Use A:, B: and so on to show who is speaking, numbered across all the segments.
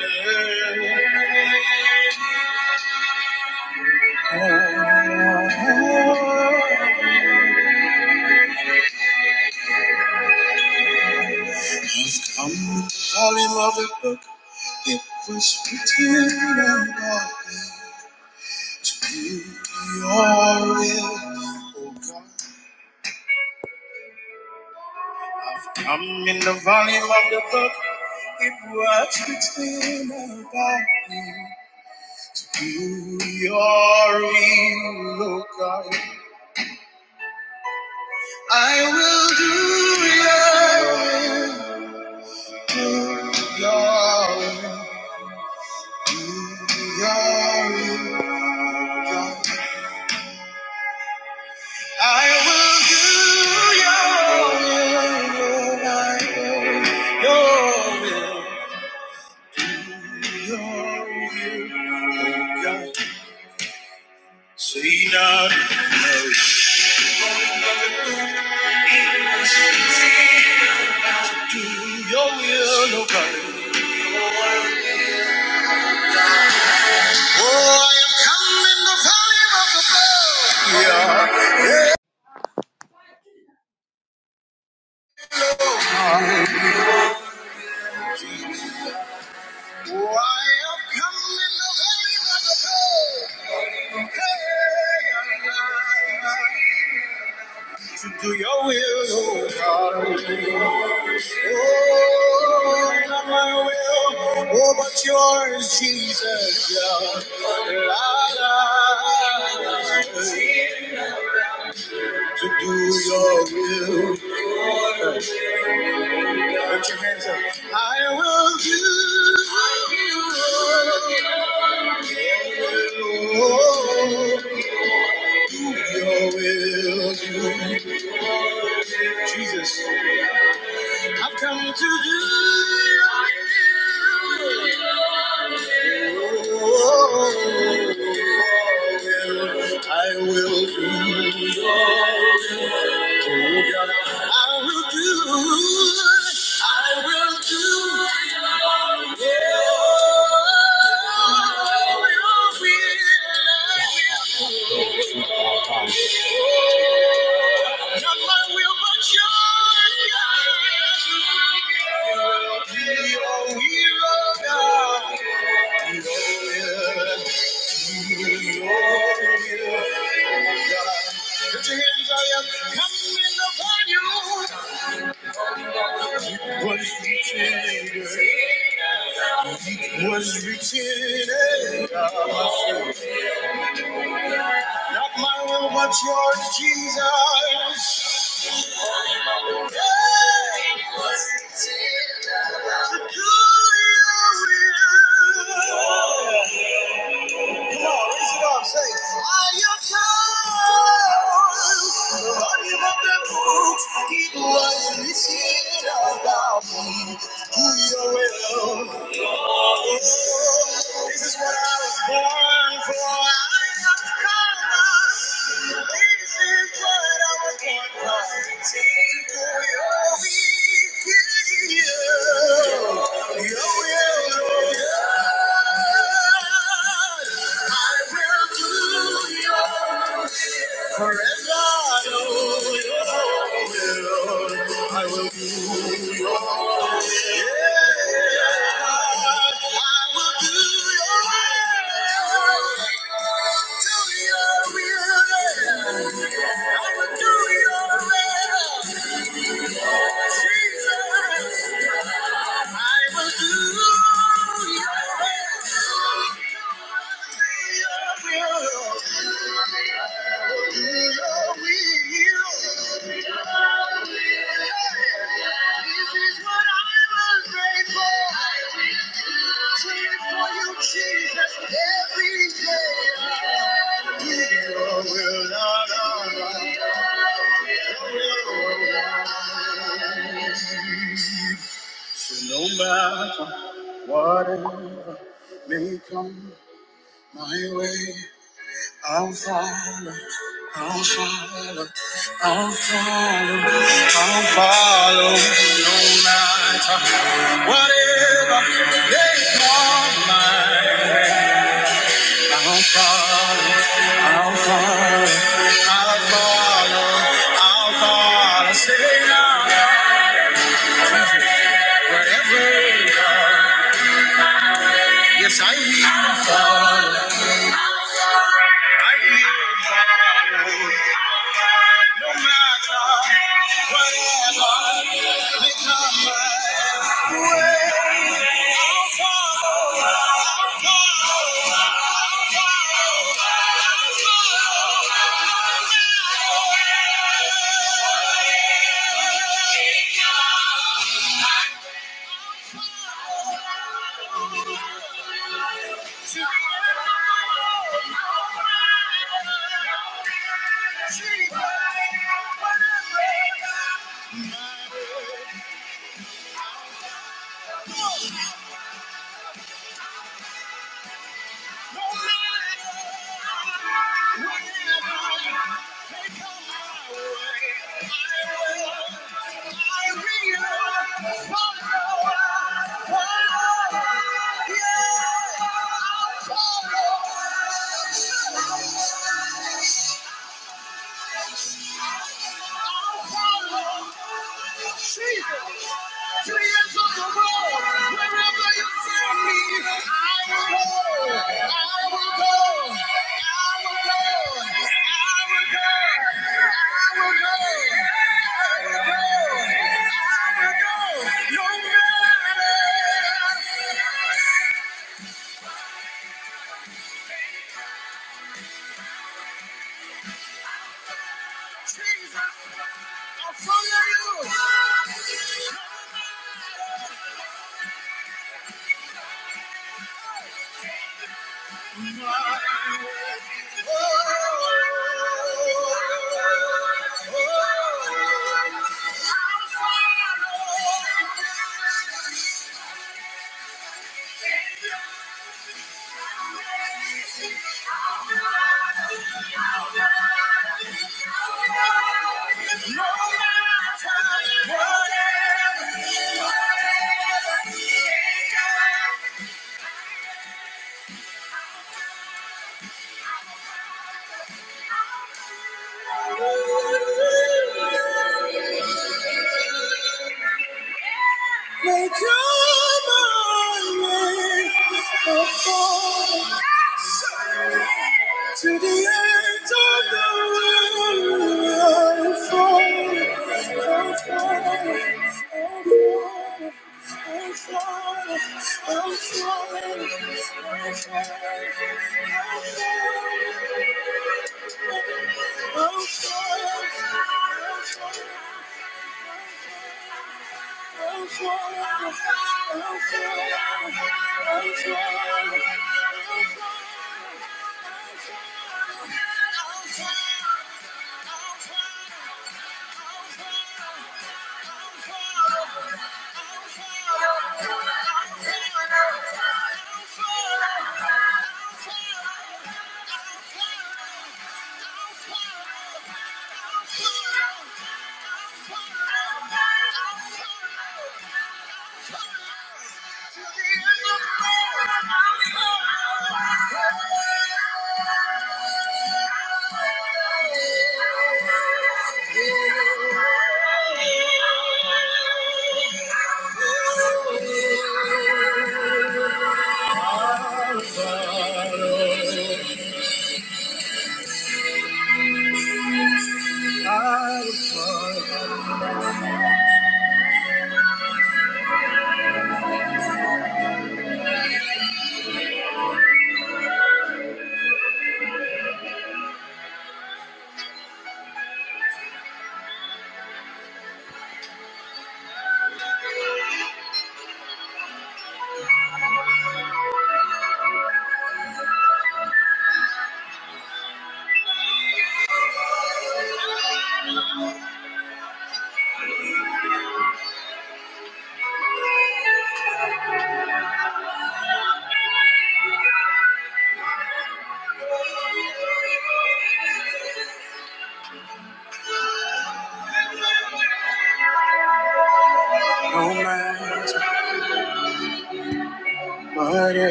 A: I've come to the volume of the book. It was written about me to do your will, oh God. I've come in the volume of the book. It was written about me to do your will, oh God. I will do your will, do your will. I will do your will, my your will, your will, oh God. Say now, do your will, oh Oh, I have come in the valley of the blood. Yeah. yeah. Oh, I have come in the valley of the blood. To do your will, oh God. Oh, not my will, oh, but yours, Jesus. Yeah. La, la. la. To do your will. Put your hands up. I will do Your will, Oh, your will. Jesus. I've come to do I will do I will do I will do I will be I will. not my will but yours God. be your hero God. Be your hero. Put your hands on you. Coming upon you. Was reaching. Was reaching. Not my will, but yours, Jesus. Yeah. To do your will. Come on, raise it up, say. Are you tired of worrying about the books? People are irritated about who you will. This is what I was born for. I am God. This is what I was born for. Take away all the fear. Your will, Lord. Forever I know your will. I will do your will. Yeah, I will do your will. I will do your will. No matter whatever may come my way, I'll follow, I'll follow, I'll follow, I'll follow no matter whatever they call my way. I'll follow, I'll follow, I'll follow, I'll follow, say now, wherever you are yes I will follow, I will follow. No matter whatever may come back to my way. I I will, will follow, I'll follow. Jesus, I follow you. Oh. Oh, Thank you.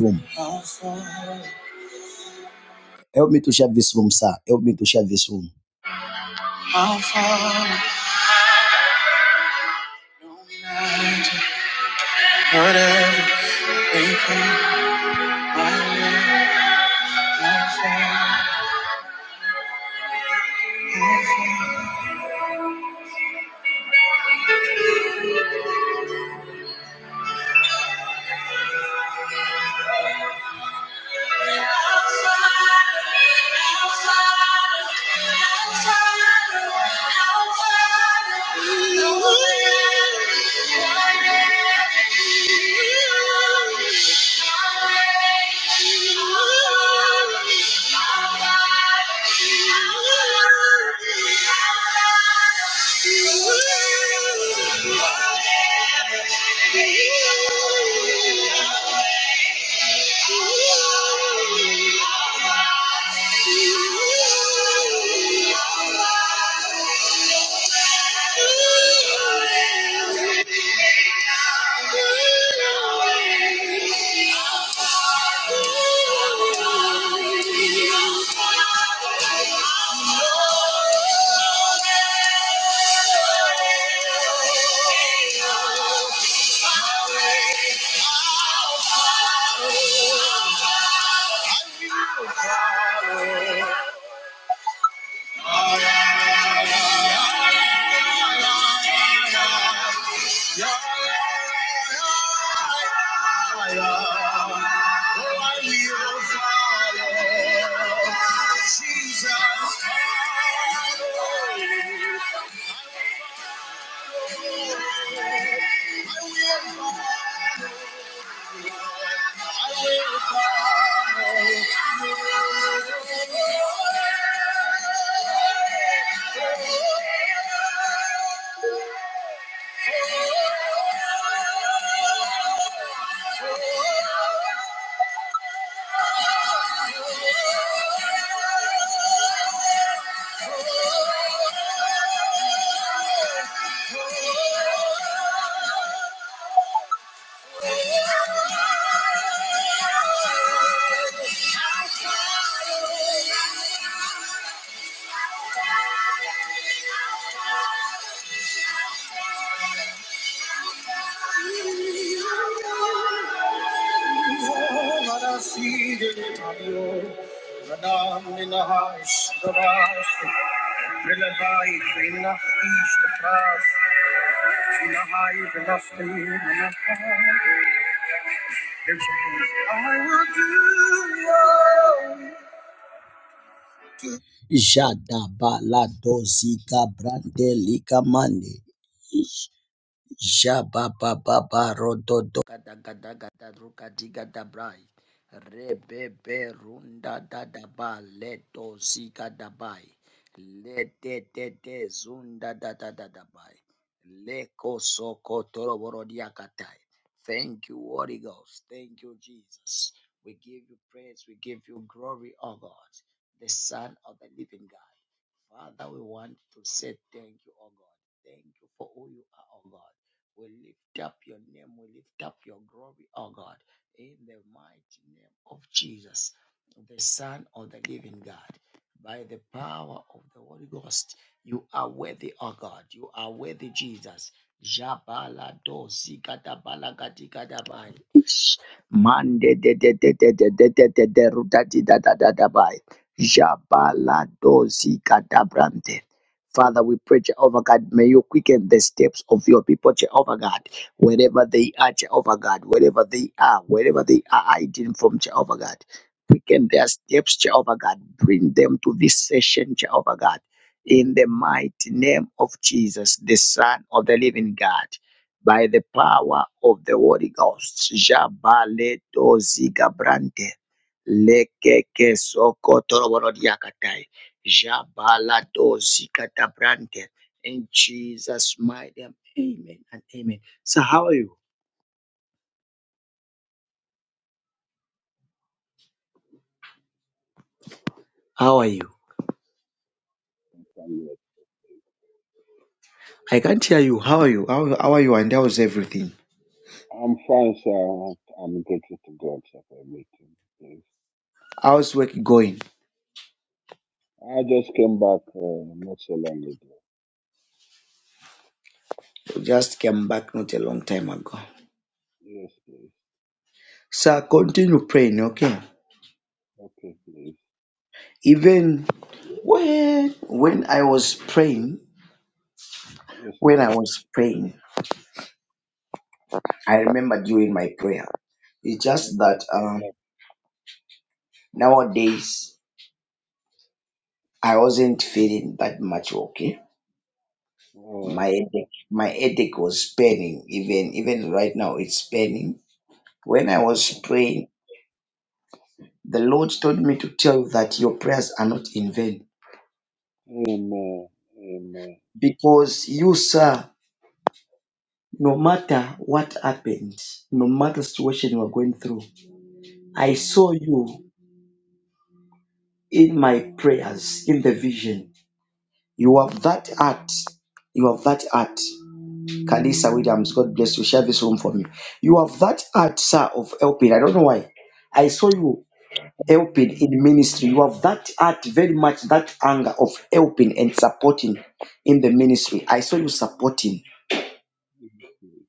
A: Room. sir, this room. Thank you. Thank you. Jesus. Jada bala dozika brande lika mande. Jababababarododo. Gadagadagadarukadigadabrai. Rebeberundadadaba letozigadabai. Letetetezundadadadabai. Lekosokotoroborodiakatai. Thank you, Holy Ghost. Thank you, Jesus. We give you praise. We give you glory, O God, the Son of the living God. Father, we want to say thank you, oh God. Thank you for who you are, oh God. We lift up your name. We lift up your glory, O God, in the mighty name of Jesus, the Son of the living God. By the power of the Holy Ghost, you are worthy, O God. You are worthy, Jesus. Jabala do zikata balagati Mande de de de de de de de de de rutati da da da da bai. Jabala do zikata Father, we pray, Jehovah God, may you quicken the steps of your people, Jehovah God, wherever they are, Jehovah God, wherever they are, wherever they are hiding from, Jehovah God. Quicken their steps, Jehovah God. Bring them to this session, Jehovah God. In the mighty name of Jesus, the Son of the Living God, by the power of the Holy Ghost. Jabaleto zigabrante. Lekeke soko toroborodiakatai. Jabaladosi katabrante. In Jesus' mighty name. Amen and amen. So how are you? How are you?
B: I'm good.
A: I can't hear you. How are you? How, how are you? And how's everything?
B: I'm fine, sir. I'm grateful to God sir, for everything. Please.
A: How's work going?
B: I just came back uh, not so long ago.
A: You just came back not a long time ago.
B: Yes, please.
A: So continue praying, okay?
B: Okay, please.
A: Even when when I was praying,
B: Yes, my
A: when I was
B: God.
A: praying, I remember during my prayer. It's just
B: Lord, thank
A: that
B: you.
A: um, nowadays I wasn't feeling that much okay my
B: Oh,
A: headache, my headache was burning even even right now it's burning when i was
B: oh.
A: praying the lord told me to tell you that your prayers are not in vain
B: Amen. Amen.
A: because you sir no matter what happened no matter situation you are going through i
B: Yes,
A: saw you in my prayers in the vision you have that heart you have that heart kalisa williams god bless you share this room for me you have that heart sir of helping i don't know why i saw you helping in ministry. You have that heart very much, that anger of helping and supporting in the ministry. I saw you supporting.
B: yes, please.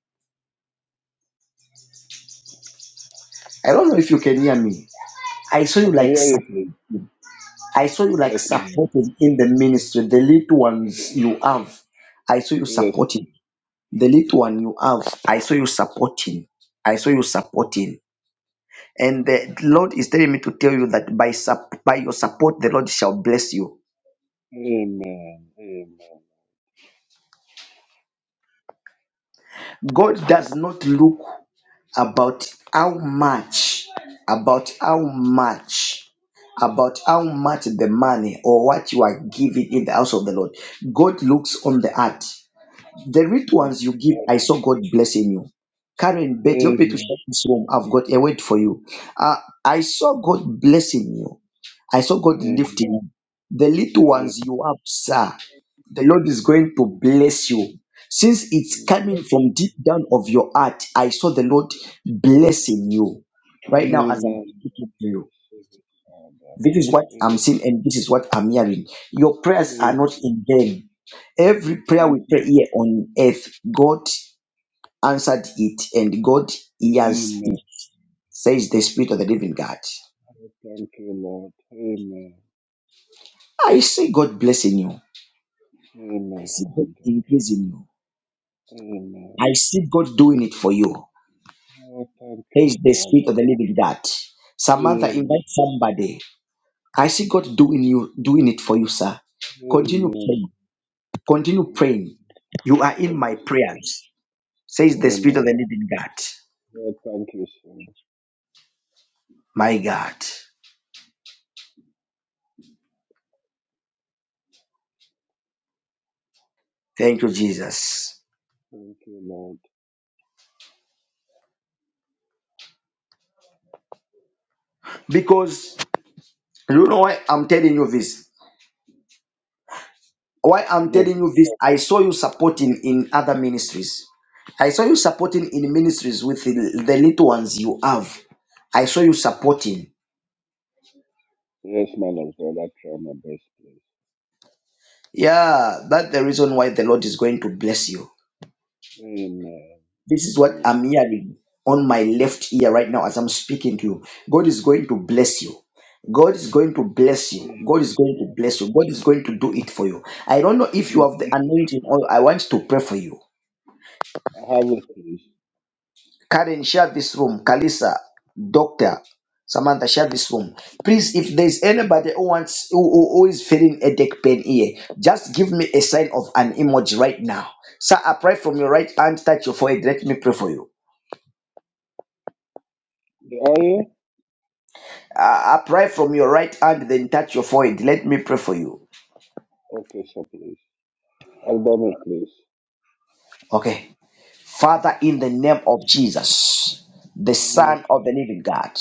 A: I don't know if you can hear me. I saw
B: I
A: you
B: can
A: like
B: hear you,
A: sup-
B: please.
A: I saw you like
B: Yes, my God.
A: supporting in the ministry. The little ones you have, I saw you
B: Yes. please.
A: supporting. The little one you have, I saw you supporting. I saw you supporting. And the Lord is telling me to tell you that by sup- by your support, the Lord shall bless you.
B: Amen. Amen.
A: God does not look. about how much about how much about how much the money or what you are giving in the house of the lord god looks on the heart the rich
B: Oh,
A: ones you
B: thank-
A: give i saw god blessing you karen bet you to
B: Amen.
A: shut this room i've got a word for you uh, i saw god blessing you i saw god
B: Amen.
A: lifting you the little ones
B: Amen.
A: you have sir the Lord is going to bless you. Since it's coming
B: Amen.
A: from deep down of your heart, I saw the Lord blessing you right now as I'm
B: Amen.
A: speaking to you.
B: Receive it,
A: This is what I'm
B: Father.
A: seeing and this is what I'm hearing. Your prayers
B: In
A: are not in vain. Every
B: in
A: prayer we pray
B: Jesus'
A: here on earth, God answered it and God hears
B: name,
A: it, says the Spirit of the living God.
B: I thank you, Lord. Amen.
A: I see God blessing you. I
B: Amen,
A: see God
B: Father.
A: increasing you.
B: Amen.
A: I see God doing it for you.
B: Oh, thank
A: There
B: you,
A: is the spirit
B: Father.
A: of the living God. Samantha, invite
B: Amen.
A: somebody. I see God doing you, doing it for you, sir. Continue
B: Amen.
A: praying. Continue
B: Thank you.
A: praying. You are in my
B: Okay, sir.
A: prayers.
B: Yes.
A: Says the spirit of the
B: Amen.
A: living God.
B: Well, thank you, sir.
A: My God. Thank you, Jesus.
B: Thank you, Lord.
A: Because you know why I'm telling you this. Why I'm
B: Look,
A: telling you this, I saw you supporting in other ministries. I saw you supporting in ministries with the, the little ones you have. I saw you supporting.
B: yes, man of God, I try my best, please.
A: Yeah, that's the reason why the Lord is going to bless you.
B: Amen.
A: This is what
B: Amen.
A: I'm hearing on my left ear right now as I'm speaking to you. God is going to bless you. God is going to bless you.
B: Amen.
A: God is going to bless you. God is going to do it for you. I don't know if you
B: In
A: have the
B: Jesus.
A: anointing or I want to pray for you.
B: I have it, please.
A: Karen, share this room. Kalisa, Doctor Samantha, share this room. Please, if there's anybody who wants who, who who is feeling a deck pain here, just give me a sign of an emoji right now. Sir, I pray from your right hand, touch your forehead. Let me pray for you.
B: The oil?
A: I I pray from your right hand, then touch your forehead. Let me pray for you.
B: Okay, sir, please. I'll done it, please.
A: Okay. Father, in the name of Jesus, the
B: Jesus,
A: Son of the Living God,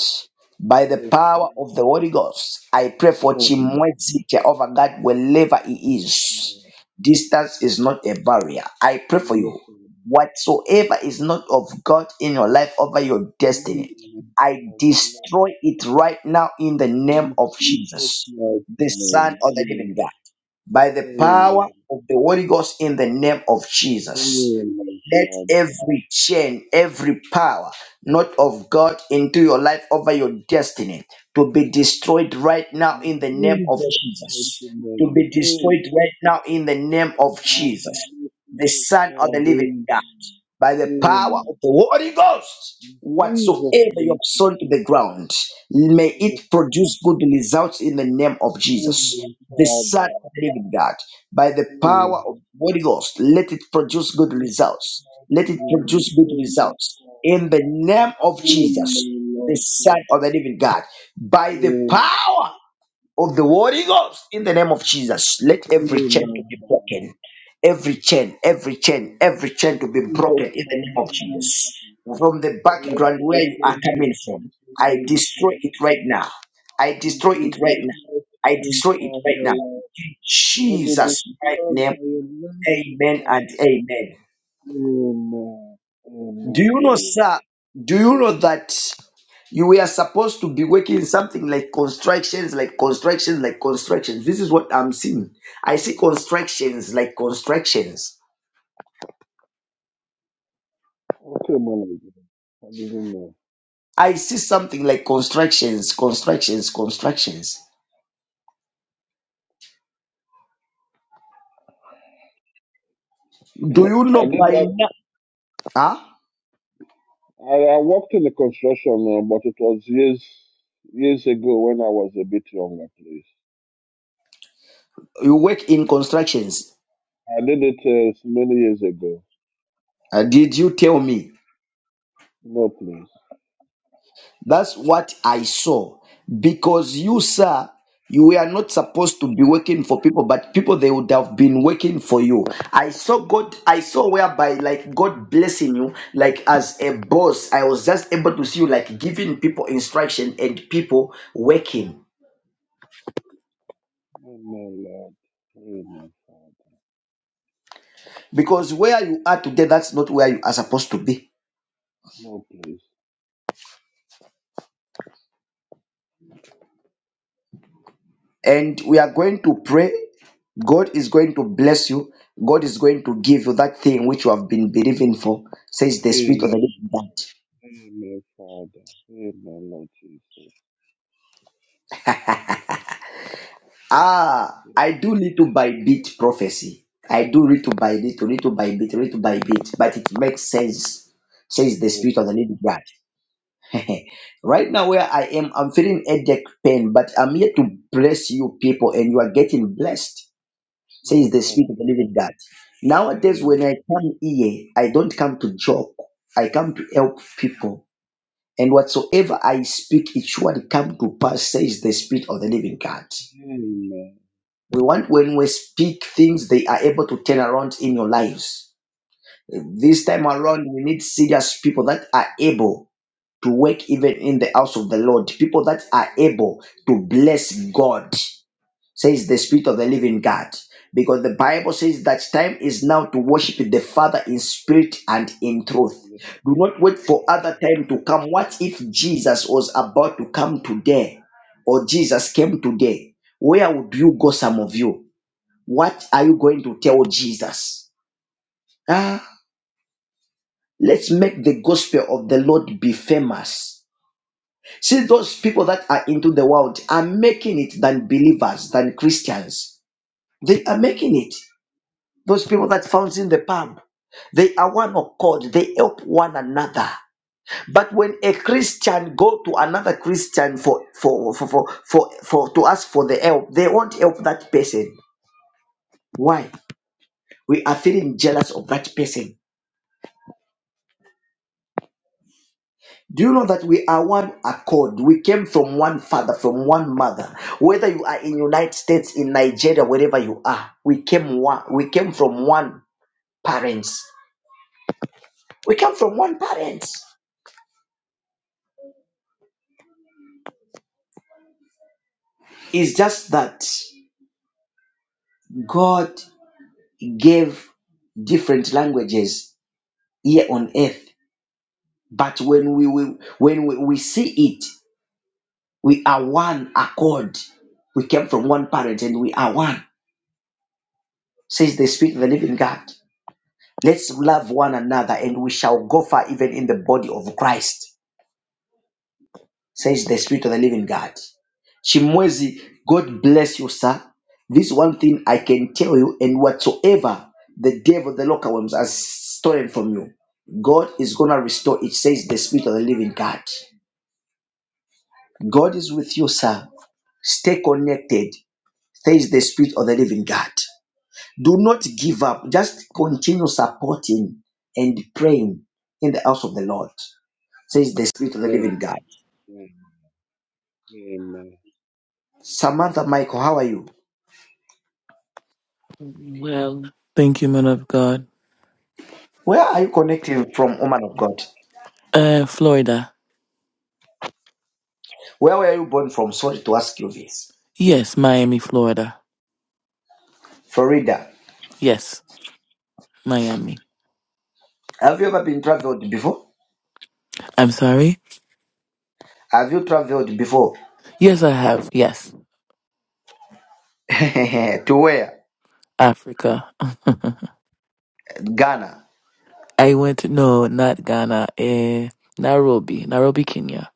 A: by the power of the Holy Ghost, I pray for
B: name,
A: Chimwezi Jehovah God wherever he is. Distance is not a barrier. I pray for
B: yes,
A: you. Whatsoever is not of God in your life over your destiny, I destroy it right now in the name of Jesus, the Son of the Living God, by the power of the Holy Ghost in the name of Jesus. Let every chain, every power not of God into your life over your destiny to be destroyed right now in the name of Jesus. To be destroyed right now in the name of Jesus, the Son of the Living God by the power of the Holy Ghost. Whatsoever you have sown to the ground, may it produce good results in the name of Jesus, the Son
B: Father,
A: of the living God. By the
B: yes.
A: power of the Holy Ghost, let it produce good
B: Jesus'
A: results. Let
B: mighty
A: it
B: name.
A: produce good
B: Amen,
A: results
B: Father.
A: in the name of Jesus,
B: Amen, Lord
A: the Son
B: Jesus.
A: of the living God. By the
B: Amen.
A: power of the Holy Ghost in the name of Jesus. Let every chain
B: Amen,
A: to be
B: Father.
A: broken. Every chain, every chain, every chain to be broken
B: Jesus'
A: in the name of
B: mighty name,
A: Jesus.
B: Father.
A: From the
B: Lord,
A: background where you are
B: blessed be
A: coming from,
B: Jesus'
A: I
B: name,
A: destroy it
B: Jesus.
A: right now. I
B: In
A: destroy it right
B: Jesus'
A: now.
B: mighty
A: I
B: name,
A: destroy it
B: Father,
A: right now.
B: Lord.
A: In
B: Let it be
A: Jesus' right
B: filled
A: name,
B: by
A: amen and amen.
B: Amen.
A: Do
B: Amen.
A: you know,
B: Amen.
A: sir? Do you know that? You were supposed to be working something like constructions, like constructions, like constructions. This is what I'm seeing. I see constructions, like constructions.
B: Okay, my lady. I didn't know.
A: I see something like constructions, constructions, constructions. Do you
B: I
A: know
B: did
A: by
B: not
A: now? Huh?
B: I, I worked in the construction, uh, but it was years years ago when I was a bit younger, please.
A: You work in constructions.
B: I did it uh, many years ago.
A: Uh, did you tell me?
B: No, please.
A: That's what I saw. Because you, sir, you were not supposed to be working for people, but people they would have been working for you. I saw God, I saw whereby like God blessing you, like as a boss, I was just able to see you like giving people instruction and people working.
B: Amen, Lord. Amen, Father.
A: Because where you are today, that's not where you are supposed to be.
B: No, please.
A: and we are going to pray. God is going to bless you. God is going to give you that thing which you have been believing for, says the Spirit of the
B: Amen.
A: Living God.
B: Amen, Father. Amen, Lord Jesus.
A: Ah,
B: Yes,
A: I do little
B: Lord.
A: by bit prophecy. I do little by little, little by bit, little by bit, but it makes sense, says the
B: Yes,
A: Spirit of the
B: Lord.
A: Living God. right now, where I am, I'm feeling headache pain, but I'm here to bless you people, and you are getting blessed says
B: Oh,
A: the
B: thank
A: Spirit of the
B: you.
A: Living God. Nowadays, when
B: Amen.
A: I come here, I don't come to joke. I come to help people. And whatsoever I speak, it surely come to pass, says the Spirit of the Living God.
B: Amen.
A: We want when we speak things, they are able to turn around in your lives. This time
B: Yes,
A: around, we need serious people that are able to work even in the house of the Lord, people that are able to bless God says the Spirit of the living God. Because the Bible says that time is now to worship the Father in spirit and in truth.
B: Lord.
A: Do not wait for
B: Yes,
A: other time to come. What if Jesus was about to come today or Jesus came today? Where would you go, some of you? What are you going to tell Jesus? Ah, let's make the gospel of the Lord be famous. See, those people that are into the world are making it than believers, than Christians. They are making it. Those people that found in the pub, they are one accord. They help one another. But when a Christian go to another Christian for for for for, for, for to ask for the help, they won't help that person. Why? We are feeling jealous of that person. Do you know that we are one accord? We came from one father, from one mother. Whether you are in United States, in Nigeria, wherever you are, we came one. We came from one parents. We come from one parents. It's just that God gave different languages here on earth. But when we, we when we, we see it, we are one accord. We came from one parent and we are one, says the Spirit of the Living God. Let's love one another and we shall go far even in the body of Christ. says the Spirit of the Living God. Chimwezi, God bless you, sir. This one thing I can tell you, and whatsoever the devil, the local worms, has stolen from you, God is going to restore it, says the Spirit of the Living God. God is with you, sir. Stay connected, says the Spirit of the Living God. Do not give up. Just continue supporting and praying in the house of the Lord, says the Spirit of the
B: Lord.
A: Living God.
B: Amen. Amen.
A: Samantha Michael, how are you?
C: Well, thank you, man of God.
A: Where are you connecting from, woman of God?
C: Uh, Florida.
A: Where were you born from? Sorry to ask you this.
C: Yes, Miami, Florida.
A: Florida.
C: Yes, Miami.
A: Have you ever been traveled before?
C: I'm sorry.
A: Have you traveled before?
C: Yes, I have. Yes,
A: to where?
C: Africa.
A: Ghana.
C: I went. No, not Ghana. Uh, Nairobi, Nairobi, Kenya.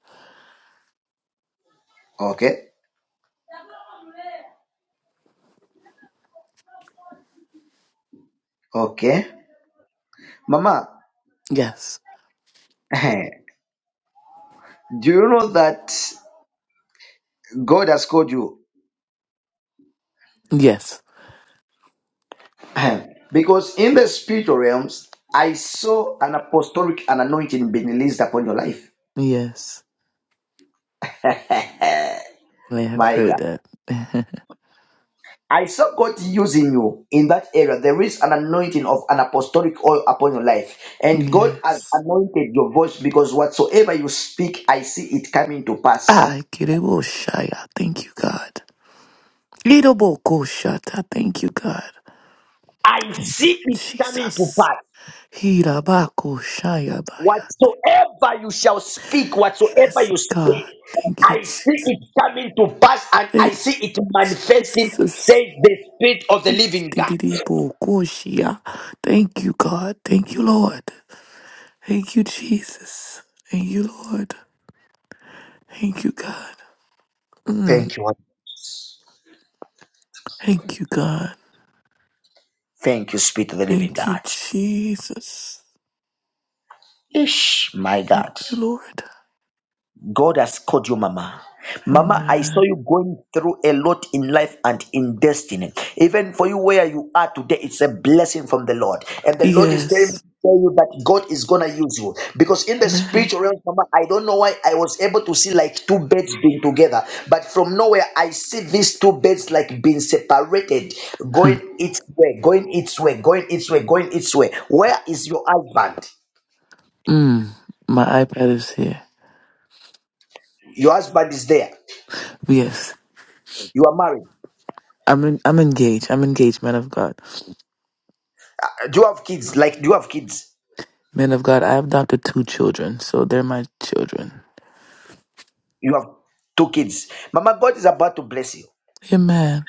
A: Okay. Okay. Mama,
C: Yes,
A: do you know that God has called you?
C: yes,
A: because in the spiritual realms, I saw an apostolic and anointing being released upon your life.
C: yes. I have
A: My
C: heard
A: God.
C: that.
A: I saw God using you in that area. There is an anointing of an apostolic oil upon your life. And God has
C: yes.
A: anointed your voice because whatsoever you speak, I see it coming to pass.
C: I Kirebo Shaya. Thank you, God. Iroboko Shata. Thank you, God.
A: I
C: Thank you,
A: see it coming to
C: Jesus.
A: pass.
C: Hirabaku Shayabayate.
A: Whatsoever you shall speak, whatsoever
C: Yes,
A: you
C: God.
A: speak,
C: Thank you,
A: I see
C: Jesus.
A: it coming to pass and I
C: Thank you,
A: see it manifesting, says
C: Jesus.
A: the Spirit of the Living God.
C: Di-di-di-di-bo-ko-shia. Thank you, God. Thank you, Lord. Thank you, Jesus. Thank you, Lord. Thank you, God. Mm.
A: Thank you.
C: Thank you, God.
A: Thank you, Spirit of the Living
C: Thank you,
A: God.
C: Jesus.
A: Ish, my
C: Thank
A: God.
C: you, Lord.
A: God has called you, Mama. Mama, I saw
C: Amen.
A: you going through a lot in life and in destiny. Even for you, where you are today, it's a blessing from the Lord. And the Lord is telling me
C: Yes.
A: to tell you that God is gonna use you because in the
C: Amen.
A: spiritual realm, Mama, I don't know why I was able to see like two beds being together, but from nowhere I see these two beds like being separated, going its way, going its way, going its way, going its way. Where is your husband?
C: Mm. My iPad is here.
A: Your husband is there.
C: Yes.
A: You are married.
C: I'm in, I'm engaged. I'm engaged, man of God.
A: Do you have kids? Like, do you have kids?
C: Men of God, I have adopted two children, so they're my children.
A: You have two kids. Mama, God is about to bless you.
C: Amen.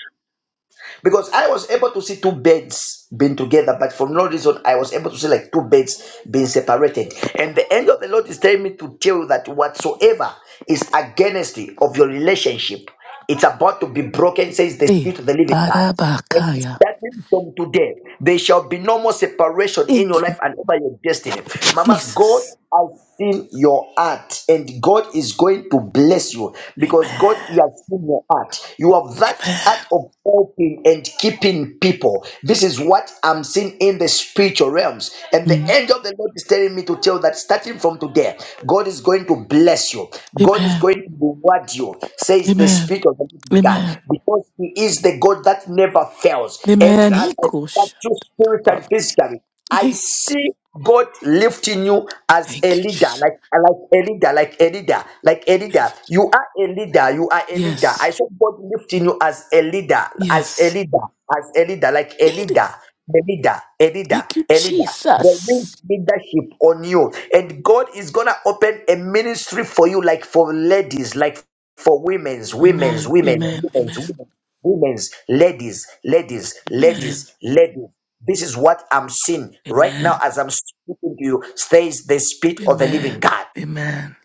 A: Because I was able to see two beds being together, but for no reason, I was able to see like two beds being separated. And the end of the Lord is telling me to tell you that whatsoever is against you of your relationship, it's about to be broken, says the
C: Hey,
A: Spirit of the Living God. And
C: barabakaya.
A: starting from today, there shall be no more separation in your
C: Thank you,
A: life and over your destiny. Mama, God
C: Jesus.
A: I seen your heart, and God is going to bless you because God He
C: Amen.
A: has seen your heart. You have that
C: Amen.
A: heart of helping and keeping people. This is what I'm seeing in the spiritual realms. And the
C: Mm.
A: angel of the Lord is telling me to tell that starting from today, God is going to bless you. God is
C: Amen.
A: going to reward you, says the
C: Amen.
A: Spirit of the Living God,
C: Amen.
A: because He is the God that never fails. And
C: Amen.
A: as
C: He
A: I look at
C: goes.
A: you spiritually, physically. I
C: Thank
A: see God lifting you as a
C: thank you,
A: leader,
C: Jesus.
A: like like a leader, like a leader, like a
C: Thank
A: leader.
C: you.
A: You are a leader. You are a leader.
C: Yes.
A: I saw God lifting you as a leader, as a
C: Yes.
A: leader, as a leader, like a
C: Eat it.
A: leader, a leader, a leader,
C: Thank you,
A: a leader. There
C: Jesus.
A: is leadership on you, and God is gonna open a ministry for you, like for ladies, like for women's, women's,
C: Amen.
A: women's,
C: Amen.
A: women's,
C: Amen.
A: women's, women's, ladies, ladies,
C: Amen.
A: ladies, ladies. This is what I'm seeing right now
C: Amen.
A: as I'm speaking to you. Says the spirit of the living
C: Amen.
A: God.
C: Amen.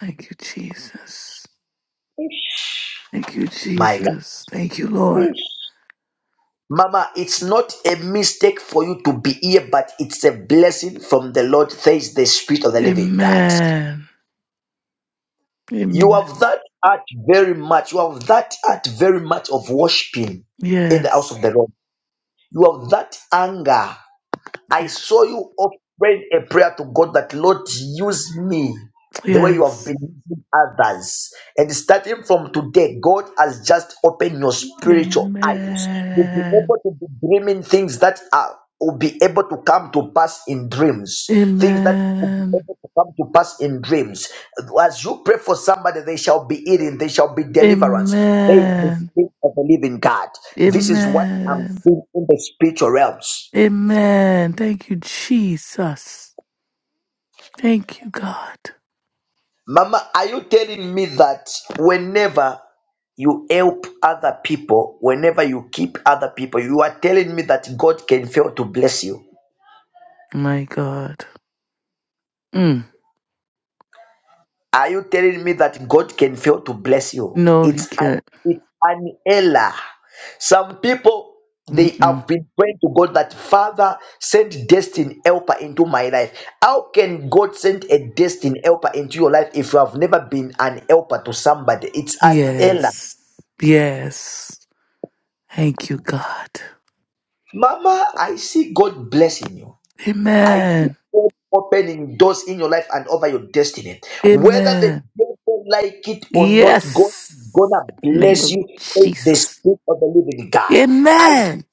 C: Thank you, Jesus. Thank you,
A: My God.
C: Jesus. Thank you, Lord.
A: Mama, it's not a mistake for you to be here, but it's a blessing from the Lord, says the Spirit of the Living God.
C: Amen.
A: You
C: Amen.
A: have that art very much. You have that art very much of worshiping in the house
C: Yes.
A: of the Lord. You have that anger. I saw
C: Yes.
A: you all praying a prayer to God that Lord use me the way you have
C: Yes.
A: been using others. And starting from today, God has just opened your spiritual eyes. You'll be
C: Amen.
A: able to be dreaming things that are will be able to come to pass in dreams. Things that will be
C: Amen.
A: able to come to pass in dreams. As you pray for somebody, they shall be healing, they shall be deliverance. There is the
C: Amen.
A: spirit of the living God. This is what I'm
C: Amen.
A: seeing in the spiritual realms.
C: Amen. Thank you, Jesus. Thank you, God.
A: Mama, are you telling me that whenever you help other people, whenever you keep other people, you are telling me that God can fail to bless you?
C: My God. Mm.
A: Are you telling me that God can fail to bless you?
C: No, he
A: It's an,
C: can't.
A: it's an error. Some people they
C: Mm-mm.
A: have been praying to God that Father send destiny helper into my life. How can God send a destiny helper into your life if you have never been an helper to somebody? It's an error.
C: Yes. Yes. Thank you, God.
A: Mama, I see God blessing you. I see
C: Amen.
A: God opening doors in your life and over your destiny. Whether the
C: Amen.
A: devil like it or not, God
C: Yes.
A: is gonna
C: In the name
A: bless
C: of
A: you. Says the
C: Jesus.
A: spirit of the living God. I
C: Amen.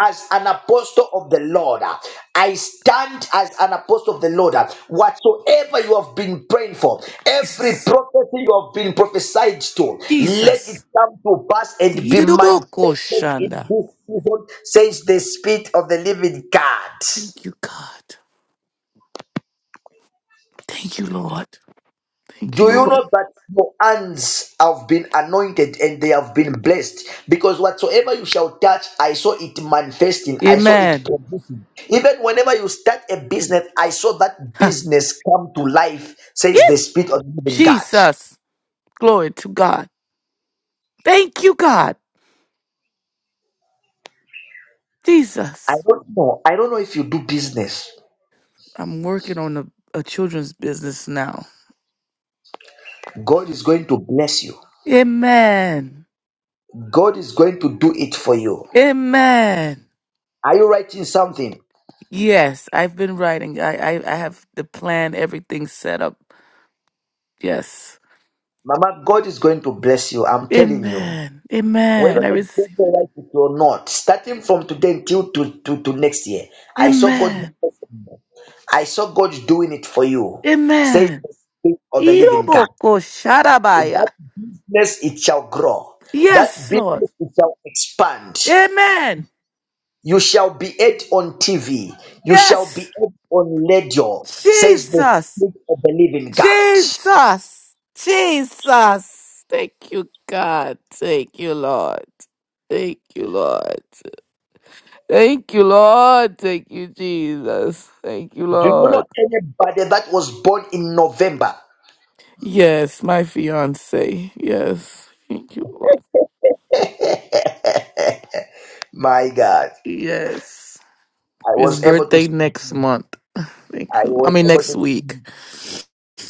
A: as an apostle of the Lord. I stand as an apostle of the Lord. Whatsoever you have been praying for, every
C: Jesus.
A: prophecy you have been prophesied to, let it
C: Jesus.
A: come to pass and be manifested in
C: Zididoboko-shanda.
A: this season, says the Spirit of the Living God.
C: Thank you, God. Thank you, Lord. Thank
A: Do
C: you,
A: you
C: Lord.
A: know that your hands have been anointed and they have been blessed? Because whatsoever you shall touch, I saw it manifesting, I saw it
C: Amen.
A: producing. Even whenever you start a business, I saw that
C: Ha.
A: business come to life,
C: Yeah.
A: says the Spirit of the living God.
C: Jesus. Glory to God. Thank you, God.
A: I
C: Jesus.
A: don't know. I don't know if you do business.
C: I'm working on a, a children's business now.
A: God is going to bless you,
C: Amen.
A: God is going to do it for you.
C: Amen.
A: Are you writing something?
C: Yes, I've been writing. I, I, I have the plan, everything set up. Yes.
A: Mama, God is going to bless you. I'm telling you.
C: Amen.
A: whether
C: Amen. I
A: they get
C: receive.
A: the right it or not, starting from today until to, to, to next year, I saw God
C: Amen.
A: I saw God doing it for you. Says
C: Amen.
A: the spirit of the living God.
C: Iroboko sharabaya.
A: That business it shall grow. That
C: Yes, Lord.
A: business it shall expand.
C: Amen.
A: You shall be heard on TV. You shall
C: Yes.
A: be heard on radio. Says the
C: Jesus.
A: spirit of the living God.
C: Jesus. Jesus. Thank you, God. Thank you, Lord. Thank you, Lord. Thank you, Lord. Thank you, Jesus. Thank you,
A: Do you know
C: Lord.
A: anybody that was born in November?
C: Yes, my fiance. Yes. Thank you, Lord.
A: My God.
C: Yes.
A: I
C: His
A: was able to
C: birthday
A: see,
C: next month. Thank
A: I
C: you. I
A: was
C: mean
A: able
C: next
A: to see,
C: week.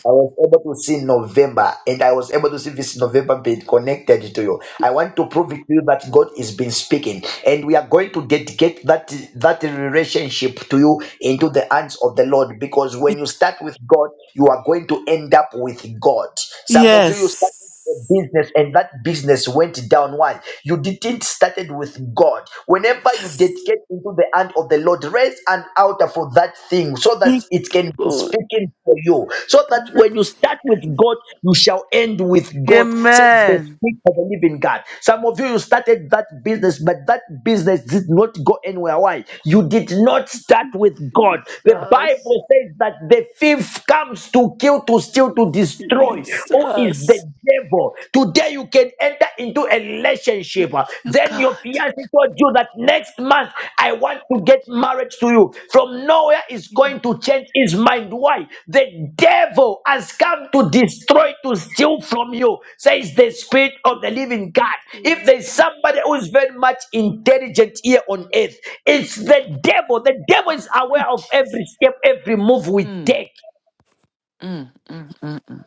A: I was able to see November, and I was able to see this November being connected to you. I want to prove it to you that God has been speaking, and we are going to dedicate that that relationship to you into the hands of the Lord. Because when you start with God, you are going to end up with God. Some of you you start a
C: Yes.
A: business and that business went down. Why? You didn't started with God. Whenever you
C: Yes.
A: dedicate into the hand of the Lord, raise an altar for that thing so that
C: Thank
A: it
C: you,
A: can be
C: Lord.
A: speaking for you. So that when you start with God, you shall end with God, says the
C: Amen.
A: Spirit of the living God. Some of you, you started that business, but that business did not go anywhere. Why? You did not start with God. The
C: Jesus.
A: Bible says that the thief comes to kill, to steal, to destroy. Who is is
C: Jesus.
A: the devil. Today you can enter into a
C: Thank
A: relationship.
C: you,
A: Then
C: God.
A: your fiancé told you that next month I want to get married to you. From nowhere is
C: Yeah.
A: going to change his mind. Why? The devil has come to destroy, to steal from you, says the spirit of the living God. If there's somebody who is very much intelligent here on earth, it's the devil. The devil is aware of
C: Jesus.
A: every step, every move we
C: Mm,
A: take.
C: mm, mm, mm, mm.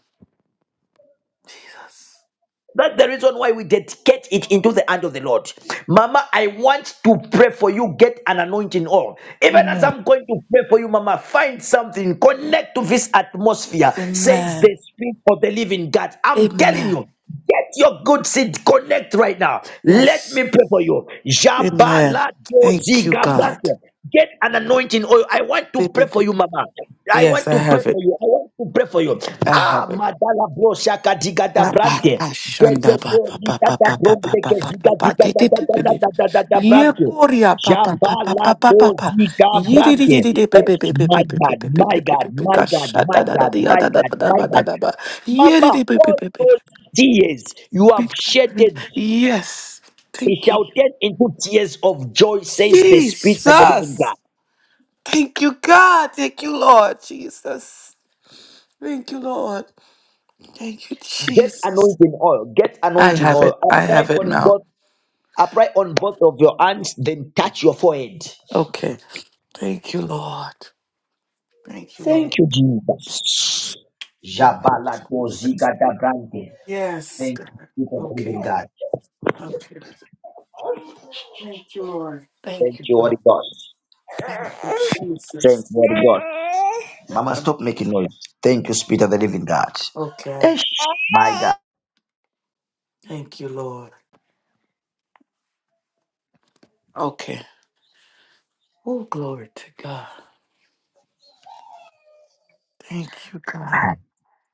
C: Jesus.
A: That's the reason why we dedicate it into the hand of the Lord. Mama, I want to pray for you. Get an anointing oil. Even as
C: Amen.
A: I'm going to pray for you, Mama, find something. Connect to this atmosphere, says
C: Amen.
A: the Spirit of the Living God. I'm telling
C: Amen.
A: you, get your good seed. Connect right now. Let
C: Yes.
A: me pray for you.
C: Amen.
A: Jabalado
C: Thank you, God.
A: Get an anointing oil. I want to
C: Beep,
A: pray
C: beep,
A: for you,
C: beep.
A: Mama. I
C: Yes,
A: want
C: I
A: to pray
C: have
A: for
C: it.
A: you. I want to pray for you.
C: I
A: Ah,
C: have it.
A: Madala Bro Shaka Digada
C: Ba, ba,
A: Brante.
C: ba, shanda, ba, ba, ba, ba, ba, ba, ba, ba, ba, ba, ba, de, de, de, de, de. Ye koria, ba, ba, ba, ba,
A: Jabala
C: ba, ba, ba, ba. Ye, de, de, de, de, de, be, be, be, be, be,
A: My
C: be, be,
A: God,
C: be, be,
A: my
C: be, be,
A: God,
C: be, be,
A: my
C: ka,
A: God,
C: sha,
A: my
C: da, da, da, di,
A: God,
C: ya,
A: my
C: da, da,
A: God,
C: ba, da,
A: my
C: ba, da,
A: God.
C: da, ba. Ye, de,
A: Mama,
C: de, be, be,
A: all
C: be, be, be, be,
A: those tears you have
C: be.
A: shedded,
C: Yes.
A: it
C: Thank you,
A: shall turn into tears of joy, says the Spirit of the living
C: Jesus.
A: God.
C: Thank you, God. Thank you, Lord Jesus. Thank you, Lord. Thank you,
A: Get
C: Jesus.
A: anointing oil, get
C: I
A: anointing
C: have
A: oil.
C: it. I
A: Apply
C: have it
A: on
C: now.
A: both, apply on both of your hands, then touch your forehead.
C: Okay. Thank you, Lord. Thank you, Lord.
A: Thank you, Jesus.
C: Thank
A: Jabala
C: you, Jesus.
A: Doziga Dabrante.
C: Yes,
A: Thank
C: God.
A: you for the living
C: Okay.
A: God.
C: Okay. Thank you, Lord. Thank
A: Thank
C: you,
A: you,
C: God.
A: Holy Ghost.
C: Thank you,
A: Thank you,
C: Jesus.
A: Holy God. Mama, stop making noise. Thank you, Spirit of the Living God.
C: Okay.
A: Ish, my God.
C: Thank you, Lord. Okay. Oh, glory to God. Thank you, God.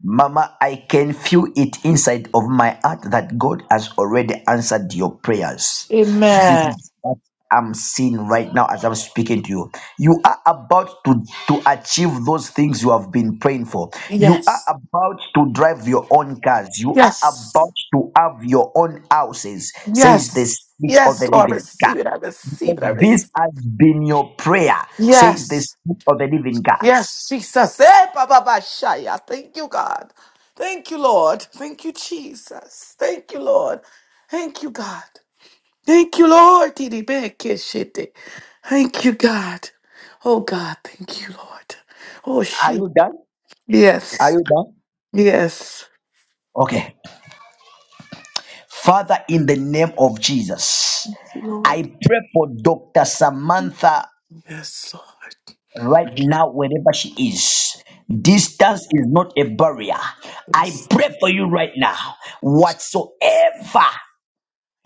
A: Mama, I can feel it inside of my heart that God has already answered your prayers. This
C: Amen.
A: is what I'm seeing right now as I'm speaking to you. You are about to, to achieve those things you have been praying for. You are
C: Yes.
A: about to drive your own cars. You are
C: Yes.
A: about to have your own houses, says the
C: Yes.
A: Spirit of the
C: Yes, Lord.
A: Living God.
C: Receive it. I receive
A: Because
C: it. I
A: this
C: receive.
A: has been your prayer, says the
C: Yes.
A: Spirit of the Living God.
C: Yes, Jesus. Eh, Baba Bashaya. Thank you, God. Thank you, Lord. Thank you, Jesus. Thank you, Lord. Thank you, God. Thank you, Lord. Didi be ke shete. Thank you, God. Oh, God. Thank you, Lord. Oh,
A: Are
C: she.
A: you done? Are
C: Yes.
A: you done?
C: Yes.
A: Okay. Father, in the name of Jesus,
C: Lord.
A: I pray for Dr. Samantha
C: Yes, Lord.
A: right now, wherever she is.
C: Thank you.
A: Distance is not a barrier. I
C: Yes.
A: pray for you right now.
C: Jesus.
A: Whatsoever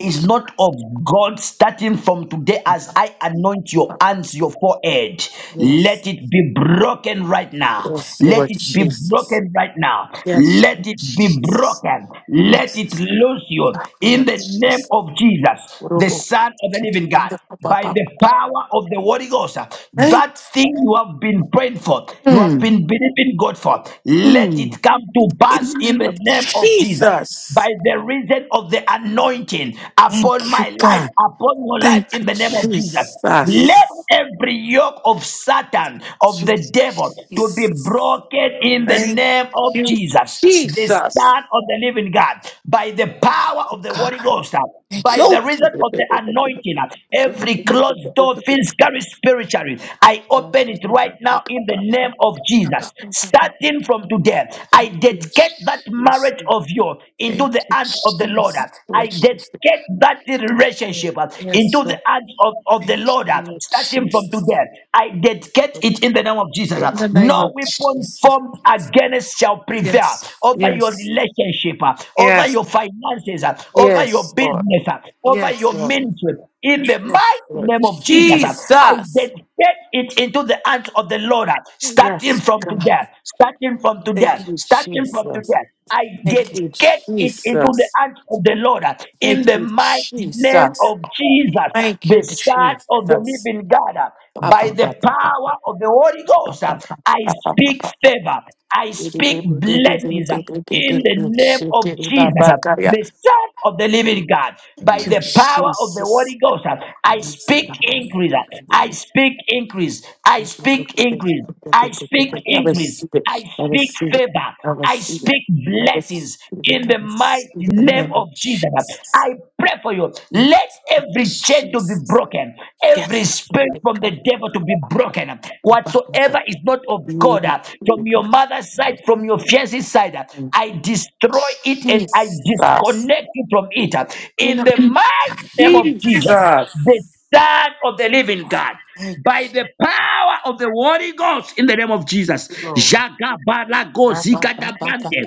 C: Thank you.
A: not of God starting from today as I anoint your hands, your forehead. Let
C: Yes.
A: it be broken right now.
C: Yes,
A: Let
C: Lord
A: it be
C: Jesus.
A: broken right now.
C: Yes,
A: Let it be
C: Jesus.
A: broken. Let
C: Yes.
A: it loose you
C: Ah,
A: in
C: Lord
A: the name
C: Jesus.
A: of Jesus, the
C: Robo.
A: Son of the living God. By the power of the Holy Ghost, uh,
C: Thank,
A: that thing you have been praying for, you have
C: Mm,
A: been believing God for, let it
C: mm.
A: come to
C: In
A: pass
C: the
A: in
C: name
A: the
C: of
A: name of Jesus by
C: Jesus.
A: the reason of the anointing upon
C: Thank you,
A: my life,
C: God.
A: upon your life,
C: Thank
A: in
C: you,
A: the name of Jesus. Let
C: Jesus.
A: every yoke of Satan, of the
C: Jesus.
A: devil, to be
C: Jesus.
A: broken in the
C: Thank
A: name of
C: you,
A: Jesus, the
C: Jesus.
A: Son of the living God, by the power of the Holy
C: God.
A: Ghost
C: Thank
A: by the
C: you.
A: reason of the anointing. Every closed door feels carried spiritually. I open it right now in the name of Jesus. Starting from today, I dedicate that marriage of yours into
C: Thank
A: the
C: you,
A: hands of the Lord.
C: Jesus. Lord
A: I
C: Jesus.
A: dedicate that relationship uh,
C: Yes,
A: into the
C: Lord.
A: hands of, of the
C: Thank
A: Lord.
C: you,
A: uh,
C: Lord
A: Starting from today,
C: Jesus.
A: I dedicate
C: Lord.
A: it in the name of Jesus.
C: In
A: uh.
C: the name
A: No
C: of
A: weapon
C: Jesus.
A: formed against shall prevail favor,
C: Yes,
A: over your
C: yes,
A: relationship, uh, over
C: yes,
A: your finances, uh, over your
C: yes, Lord.
A: business, uh, over
C: Yes,
A: your
C: Lord.
A: ministry. In the
C: Yes,
A: mighty
C: Lord.
A: name of Jesus, uh, I
C: Jesus.
A: dedicate it into the hands of the Lord, uh, starting
C: Yes,
A: from
C: God.
A: today, starting from
C: Thank
A: today,
C: you,
A: starting from
C: Jesus.
A: today. I
C: Thank
A: get
C: you,
A: get it into the
C: Jesus.
A: hands of the Lord uh,
C: Thank
A: in the
C: you,
A: mighty name
C: Jesus.
A: of Jesus,
C: Thank you,
A: the Son
C: Jesus.
A: of the
C: Ba,
A: Living God. uh, By
C: ba,
A: the
C: ba, ba, ba, ba,
A: power of the Holy
C: ba, ba,
A: Ghost, uh,
C: ba,
A: I
C: ba, ba,
A: speak
C: ba, ba.
A: favor. I
C: Baby,
A: speak
C: baby, baby, baby,
A: blessings uh,
C: baby,
A: in
C: baby,
A: the
C: baby,
A: name
C: shit,
A: of
C: baby, ba,
A: Jesus, uh,
C: ba, ba, yeah.
A: the Son of the Living God. By
C: you,
A: the
D: Amen.
A: power of the Holy
C: Jesus.
A: Ghost, uh, I
C: Yes,
A: speak
D: Jesus.
C: God.
D: Amen.
A: increase. uh, I speak increase. I speak increase. I speak
C: I
A: increase.
C: receive
A: I
C: it. I
A: speak
C: receive it.
A: favor.
C: I receive
A: I
C: it.
A: speak
C: I
A: blessings
C: receive it.
A: in
C: I
A: the mighty
C: receive it in the
A: name
C: name of
A: of Jesus. I
C: Jesus.
A: pray for you.
C: Thank
A: Let
C: you,
A: every chain to be
C: Jesus.
A: broken, every
C: Yes.
A: spirit
C: Lord
A: from the
C: God.
A: devil to be broken. Whatsoever is not of God, uh, from your mother's side, from your fiance's side, uh, I destroy it and I
C: Jesus.
A: disconnect you from it. uh, In the mighty name of Jesus,
C: Jesus.
A: the Son of the Living God
C: Thank
A: by the
C: you,
A: power of the Holy Ghost in the name of Jesus.
C: Lord.
A: Jagabalago
C: Thank you, Jesus.
A: zikadabande.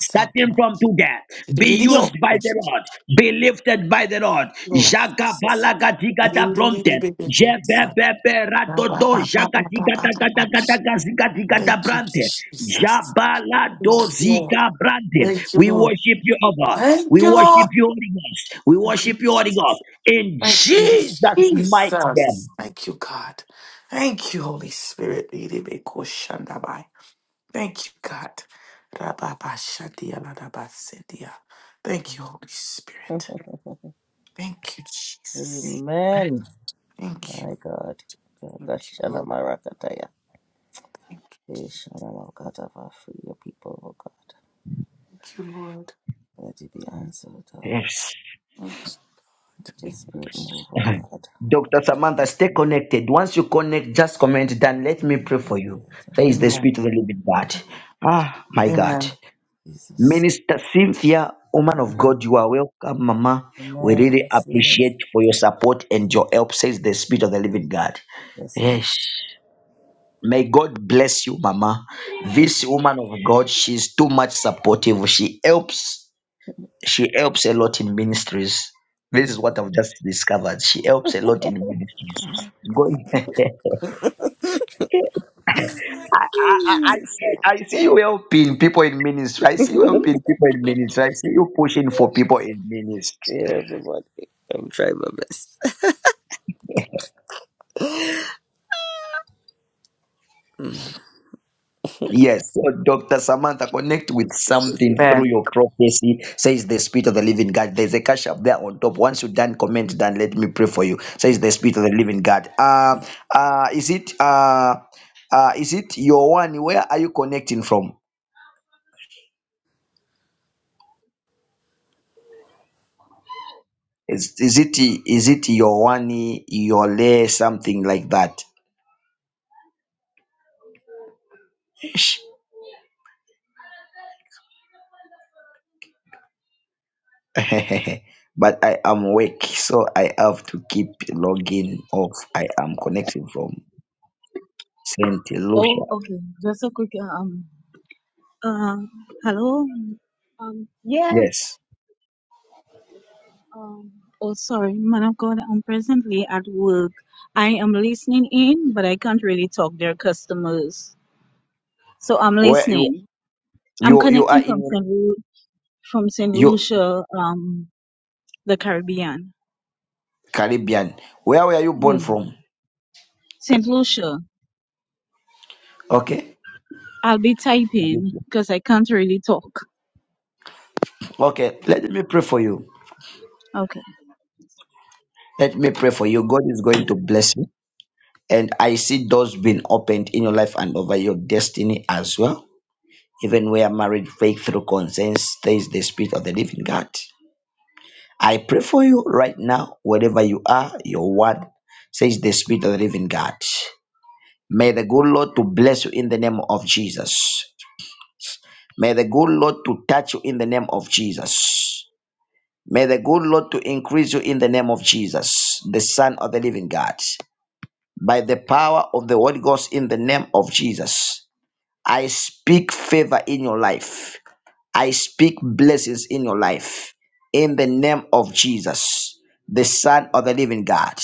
A: Starting from today, be used by the Lord, be lifted by the Lord. Jagabalagadigadabromte. Jebebeberadodo jagadigadagadagadagadagazigadigadabrantes.
C: Thank you, Lord.
A: Jabaladozikabrantes.
C: Thank you,
A: We
C: Lord.
A: worship you, O God.
C: Thank
A: We
C: you,
A: worship
C: Lord.
A: you, Holy Ghost. We
C: Thank
A: worship
C: you,
A: you, Holy Ghost.
C: Jesus.
A: In
C: Thank you,
A: Jesus' mighty name.
C: Jesus. Thank you, God. Thank you, Holy Spirit. Iribekoshandabai. Thank you, God. Rababashadialadabasidia. Thank you, Holy
D: God
C: Spirit. Thank you,
D: bless
C: Jesus. Thank
D: Amen. My
C: you.
D: God.
C: Thank you,
D: Shana
C: Lord.
D: Marakataya.
C: Thank you,
D: Hey,
C: Jesus.
D: Shana free your people, oh God.
C: Thank you, Lord.
D: Let it be answered, oh God.
A: Yes.
C: Yes,
D: Let your
C: Thank you,
D: spirit
C: Jesus.
D: move, oh God.
A: Dr. Samantha, stay connected. Once you connect, just comment, then let me pray for you. There is the
C: Amen.
A: spirit of the living God. Ah, my God.
C: Amen.
D: Jesus.
A: Minister Cynthia, woman of
C: Amen.
A: God, you are welcome, Mama. We
D: Amen.
A: really
D: Blessings.
A: appreciate for your support and your help, says the spirit of the living God.
D: Blessings.
A: Yes. May God bless you, Mama. This woman of God, she's too much supportive. She helps she helps a lot in ministries. This is what I've just discovered. She helps a lot in ministries. Go- I, I, I I see I see you helping people in ministry. I see you helping people in ministry. I see you pushing for people in ministry.
D: Yeah, everybody. I'm trying my best.
A: Yes. So Dr. Samantha, connect with something through
C: Amen.
A: your prophecy, says the Spirit of the Living God. There's a cash up there on top. Once you done, comment done. Let me pray for you, says the Spirit of the Living God. Uh, uh, is it uh, uh, is it your one? Where are you connecting from? Is, is it is it Yohani Yole something like that? Ish. but I am awake, so I have to keep logging off. I am connecting from Saint Lucia.
E: Oh, okay. Just a quick uh, um uh hello. Um yeah.
A: Yes.
E: Um oh sorry, man of God, I'm presently at work. I am listening in, but I can't really talk. They're customers. So I'm
A: Where you
E: listening. I'm
A: you you are
E: connecting from
A: in
E: Saint Lu- from Saint
A: you
E: Lucia, um the Caribbean.
A: Caribbean. Where were you
E: Yeah.
A: born from?
E: Saint Lucia.
A: Okay.
E: I'll be typing because I can't really talk.
A: Okay. Let me pray for you.
E: Okay.
A: Let me pray for you. God is going to bless you. And I see doors being opened in your life and over your destiny as well. even where marriage faith through consent stays the spirit of the living God. I pray for you right now, wherever you are, your word says the spirit of the living God. May the good Lord to bless you in the name of Jesus. May the good Lord to touch you in the name of Jesus. May the good Lord to increase you in the name of Jesus, the Son of the living God. By the power of the Holy Ghost in the name of Jesus, I speak favor in your life. I speak blessings in your life in the name of Jesus, the Son of the living God,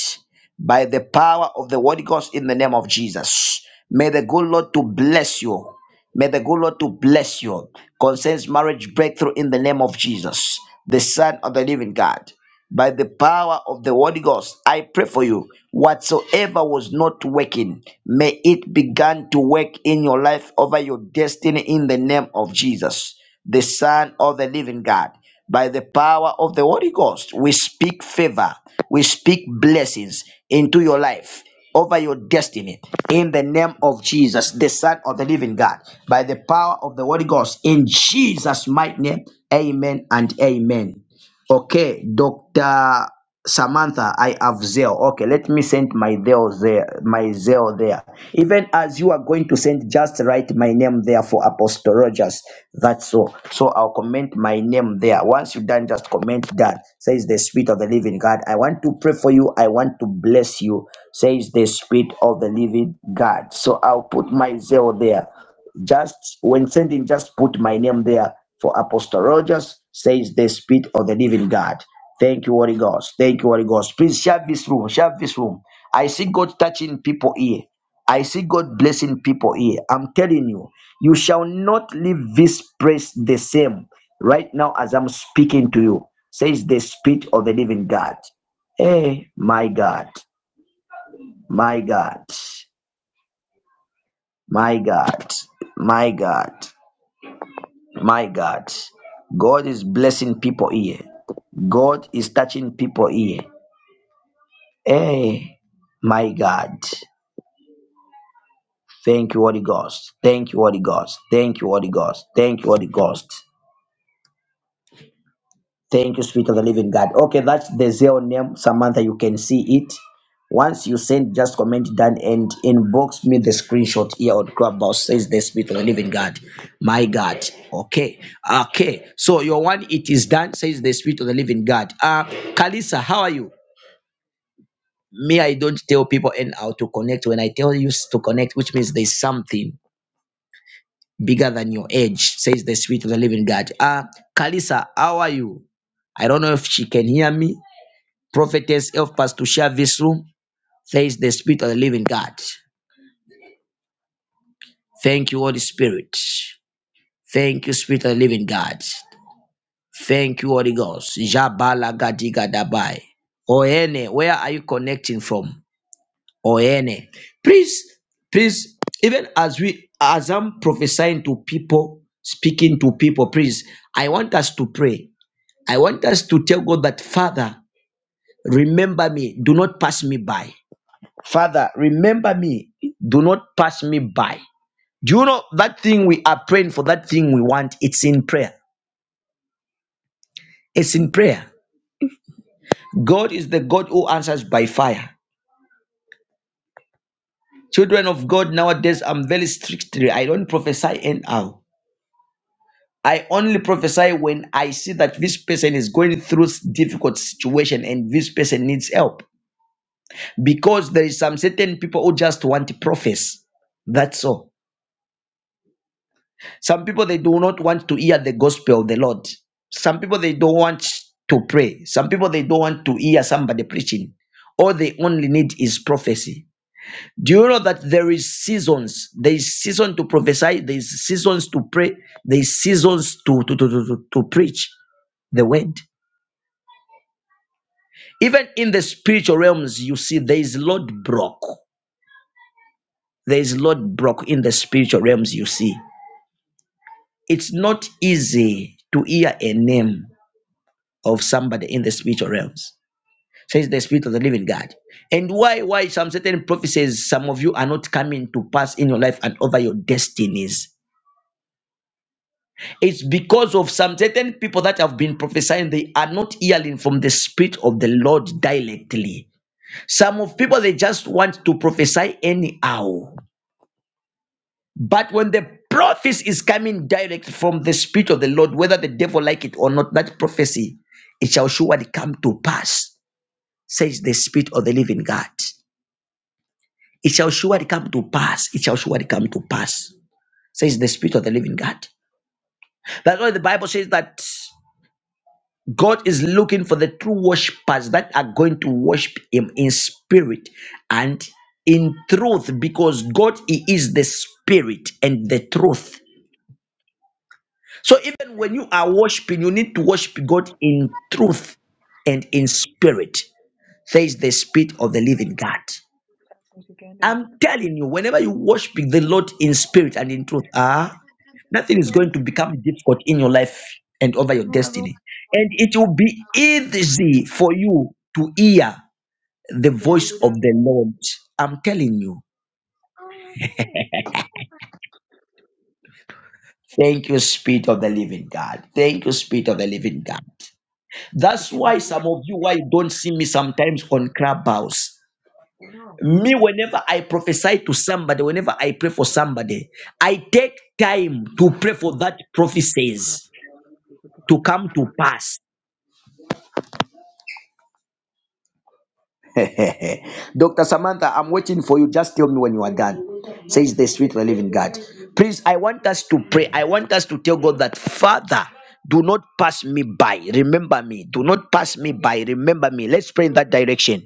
A: by the power of the Holy Ghost in the name of Jesus. May the good Lord to bless you. May the good Lord to bless you. Concerns marriage breakthrough in the name of Jesus, the Son of the Living God. By the power of the Holy Ghost, I pray for you. Whatsoever was not working, may it begin to work in your life over your destiny in the name of Jesus, the Son of the Living God by the power of the Holy Ghost. We speak favor, we speak blessings into your life, over your destiny, in the name of Jesus, the Son of the Living God, by the power of the Holy Ghost, in Jesus' mighty name. Amen and amen. Okay, Dr. Samantha, I have zeal. Okay, let me send my zeal there, my zeal there. Even as you are going to send, just write my name there for Apostle Rogers. That's all. So I'll comment my name there. Once you've done, just comment that. Says the Spirit of the Living God. I want to pray for you. I want to bless you. Says the Spirit of the Living God. So I'll put my zeal there. Just when sending, just put my name there. For Apostle Rogers says the spirit of the living God. Thank you, Holy Ghost. Thank you, Holy Ghost. Please share this room. Share this room. I see God touching people here. I see God blessing people here. I'm telling you, you shall not leave this place the same right now as I'm speaking to you, says the Spirit of the Living God. Hey, my God, my God, my God, my God. My God, God is blessing people here. God is touching people here. Hey, my God. Thank you, Holy Ghost. Thank you, Holy Ghost. Thank you, Holy Ghost. Thank you, Holy Ghost. Thank you, Spirit of the Living God. Okay, that's the Zeo name, Samantha. You can see it. Once you send, just comment down and inbox me the screenshot here on Clubhouse. Says the Spirit of the Living God. My God. Okay. Okay. So your one, it is done. Says the Spirit of the Living God. Uh, Kalisa, how are you? Me, I don't tell people and how to connect. When I tell you s- to connect, which means there's something bigger than your age. Says the Spirit of the Living God. Uh, Kalisa, how are you? I don't know if she can hear me. Prophetess, help us to share this room. There is the Spirit of the Living God. Thank you, Holy Spirit. Thank you, Spirit of the Living God. Thank you, Holy Ghost. Jabala gadiga dabai. Oene, where are you connecting from? Oene. Please, please, even as we as I'm prophesying to people, speaking to people, please, I want us to pray. I want us to tell God that Father, remember me, do not pass me by. Father, remember me. Do not pass me by. Do you know that thing we are praying for, that thing we want? It's in prayer. It's in prayer. God is the God who answers by fire. Children of God, nowadays I'm very strictly. I don't prophesy anyhow. I only prophesy when I see that this person is going through difficult situation and this person needs help. Because there is some certain people who just want to profess. That's all. Some people they do not want to hear the gospel of the Lord. Some people they don't want to pray. Some people they don't want to hear somebody preaching. All they only need is prophecy. Do you know that there is seasons? There is season to prophesy, there is seasons to pray, there is seasons to, to, to, to, to to preach the word. Even in the spiritual realms, you see there is Lord Brock. There is Lord Brock in the spiritual realms, you see. It's not easy to hear a name of somebody in the spiritual realms. Says the spirit of the living God. And why, why some certain prophecies, some of you are not coming to pass in your life and over your destinies. It's because of some certain people that have been prophesying, they are not hearing from the spirit of the Lord directly. Some of people they just want to prophesy anyhow. But when the prophecy is coming direct from the spirit of the Lord, whether the devil like it or not, that prophecy it shall surely come to pass. says the Spirit of the living God. It shall surely come to pass. It shall surely come to pass, says the Spirit of the living God. That's why the Bible says that God is looking for the true worshippers that are going to worship Him in spirit and in truth, because God He is the Spirit and the truth. So even
F: güzel.
A: when you are worshiping, you need to worship God in truth and in spirit, says the Spirit of the living God.
F: Sadece kendine at.
A: I'm telling you, whenever you worship the Lord in spirit and in truth, ah, nothing is
F: Doğru
A: going to
F: sipri
A: become
F: kopyala.
A: difficult in your life and over your
F: Bunu az o
A: destiny. And it will be easy for you to hear the voice of
F: da.
A: the Lord. I'm telling you. Thank you, Spirit of the Living God. Thank you, Spirit of the
F: Ana
A: Living
F: bir
A: God. That's
F: isim
A: why
F: bir
A: some
F: yer.
A: of you, why you don't see me sometimes on Clubhouse.
F: Bunu
A: Me, whenever I prophesy to somebody, whenever I pray for somebody, I take time to
F: ana
A: pray for that prophecies to come to pass. Dr. Samantha, I'm waiting for you. Just tell me when you are done. Says the sweet and living God. Please, I want us to pray. I want us to tell God that, Father, do not pass me by. Remember me. Do not pass me by. Remember me. Let's pray in that direction.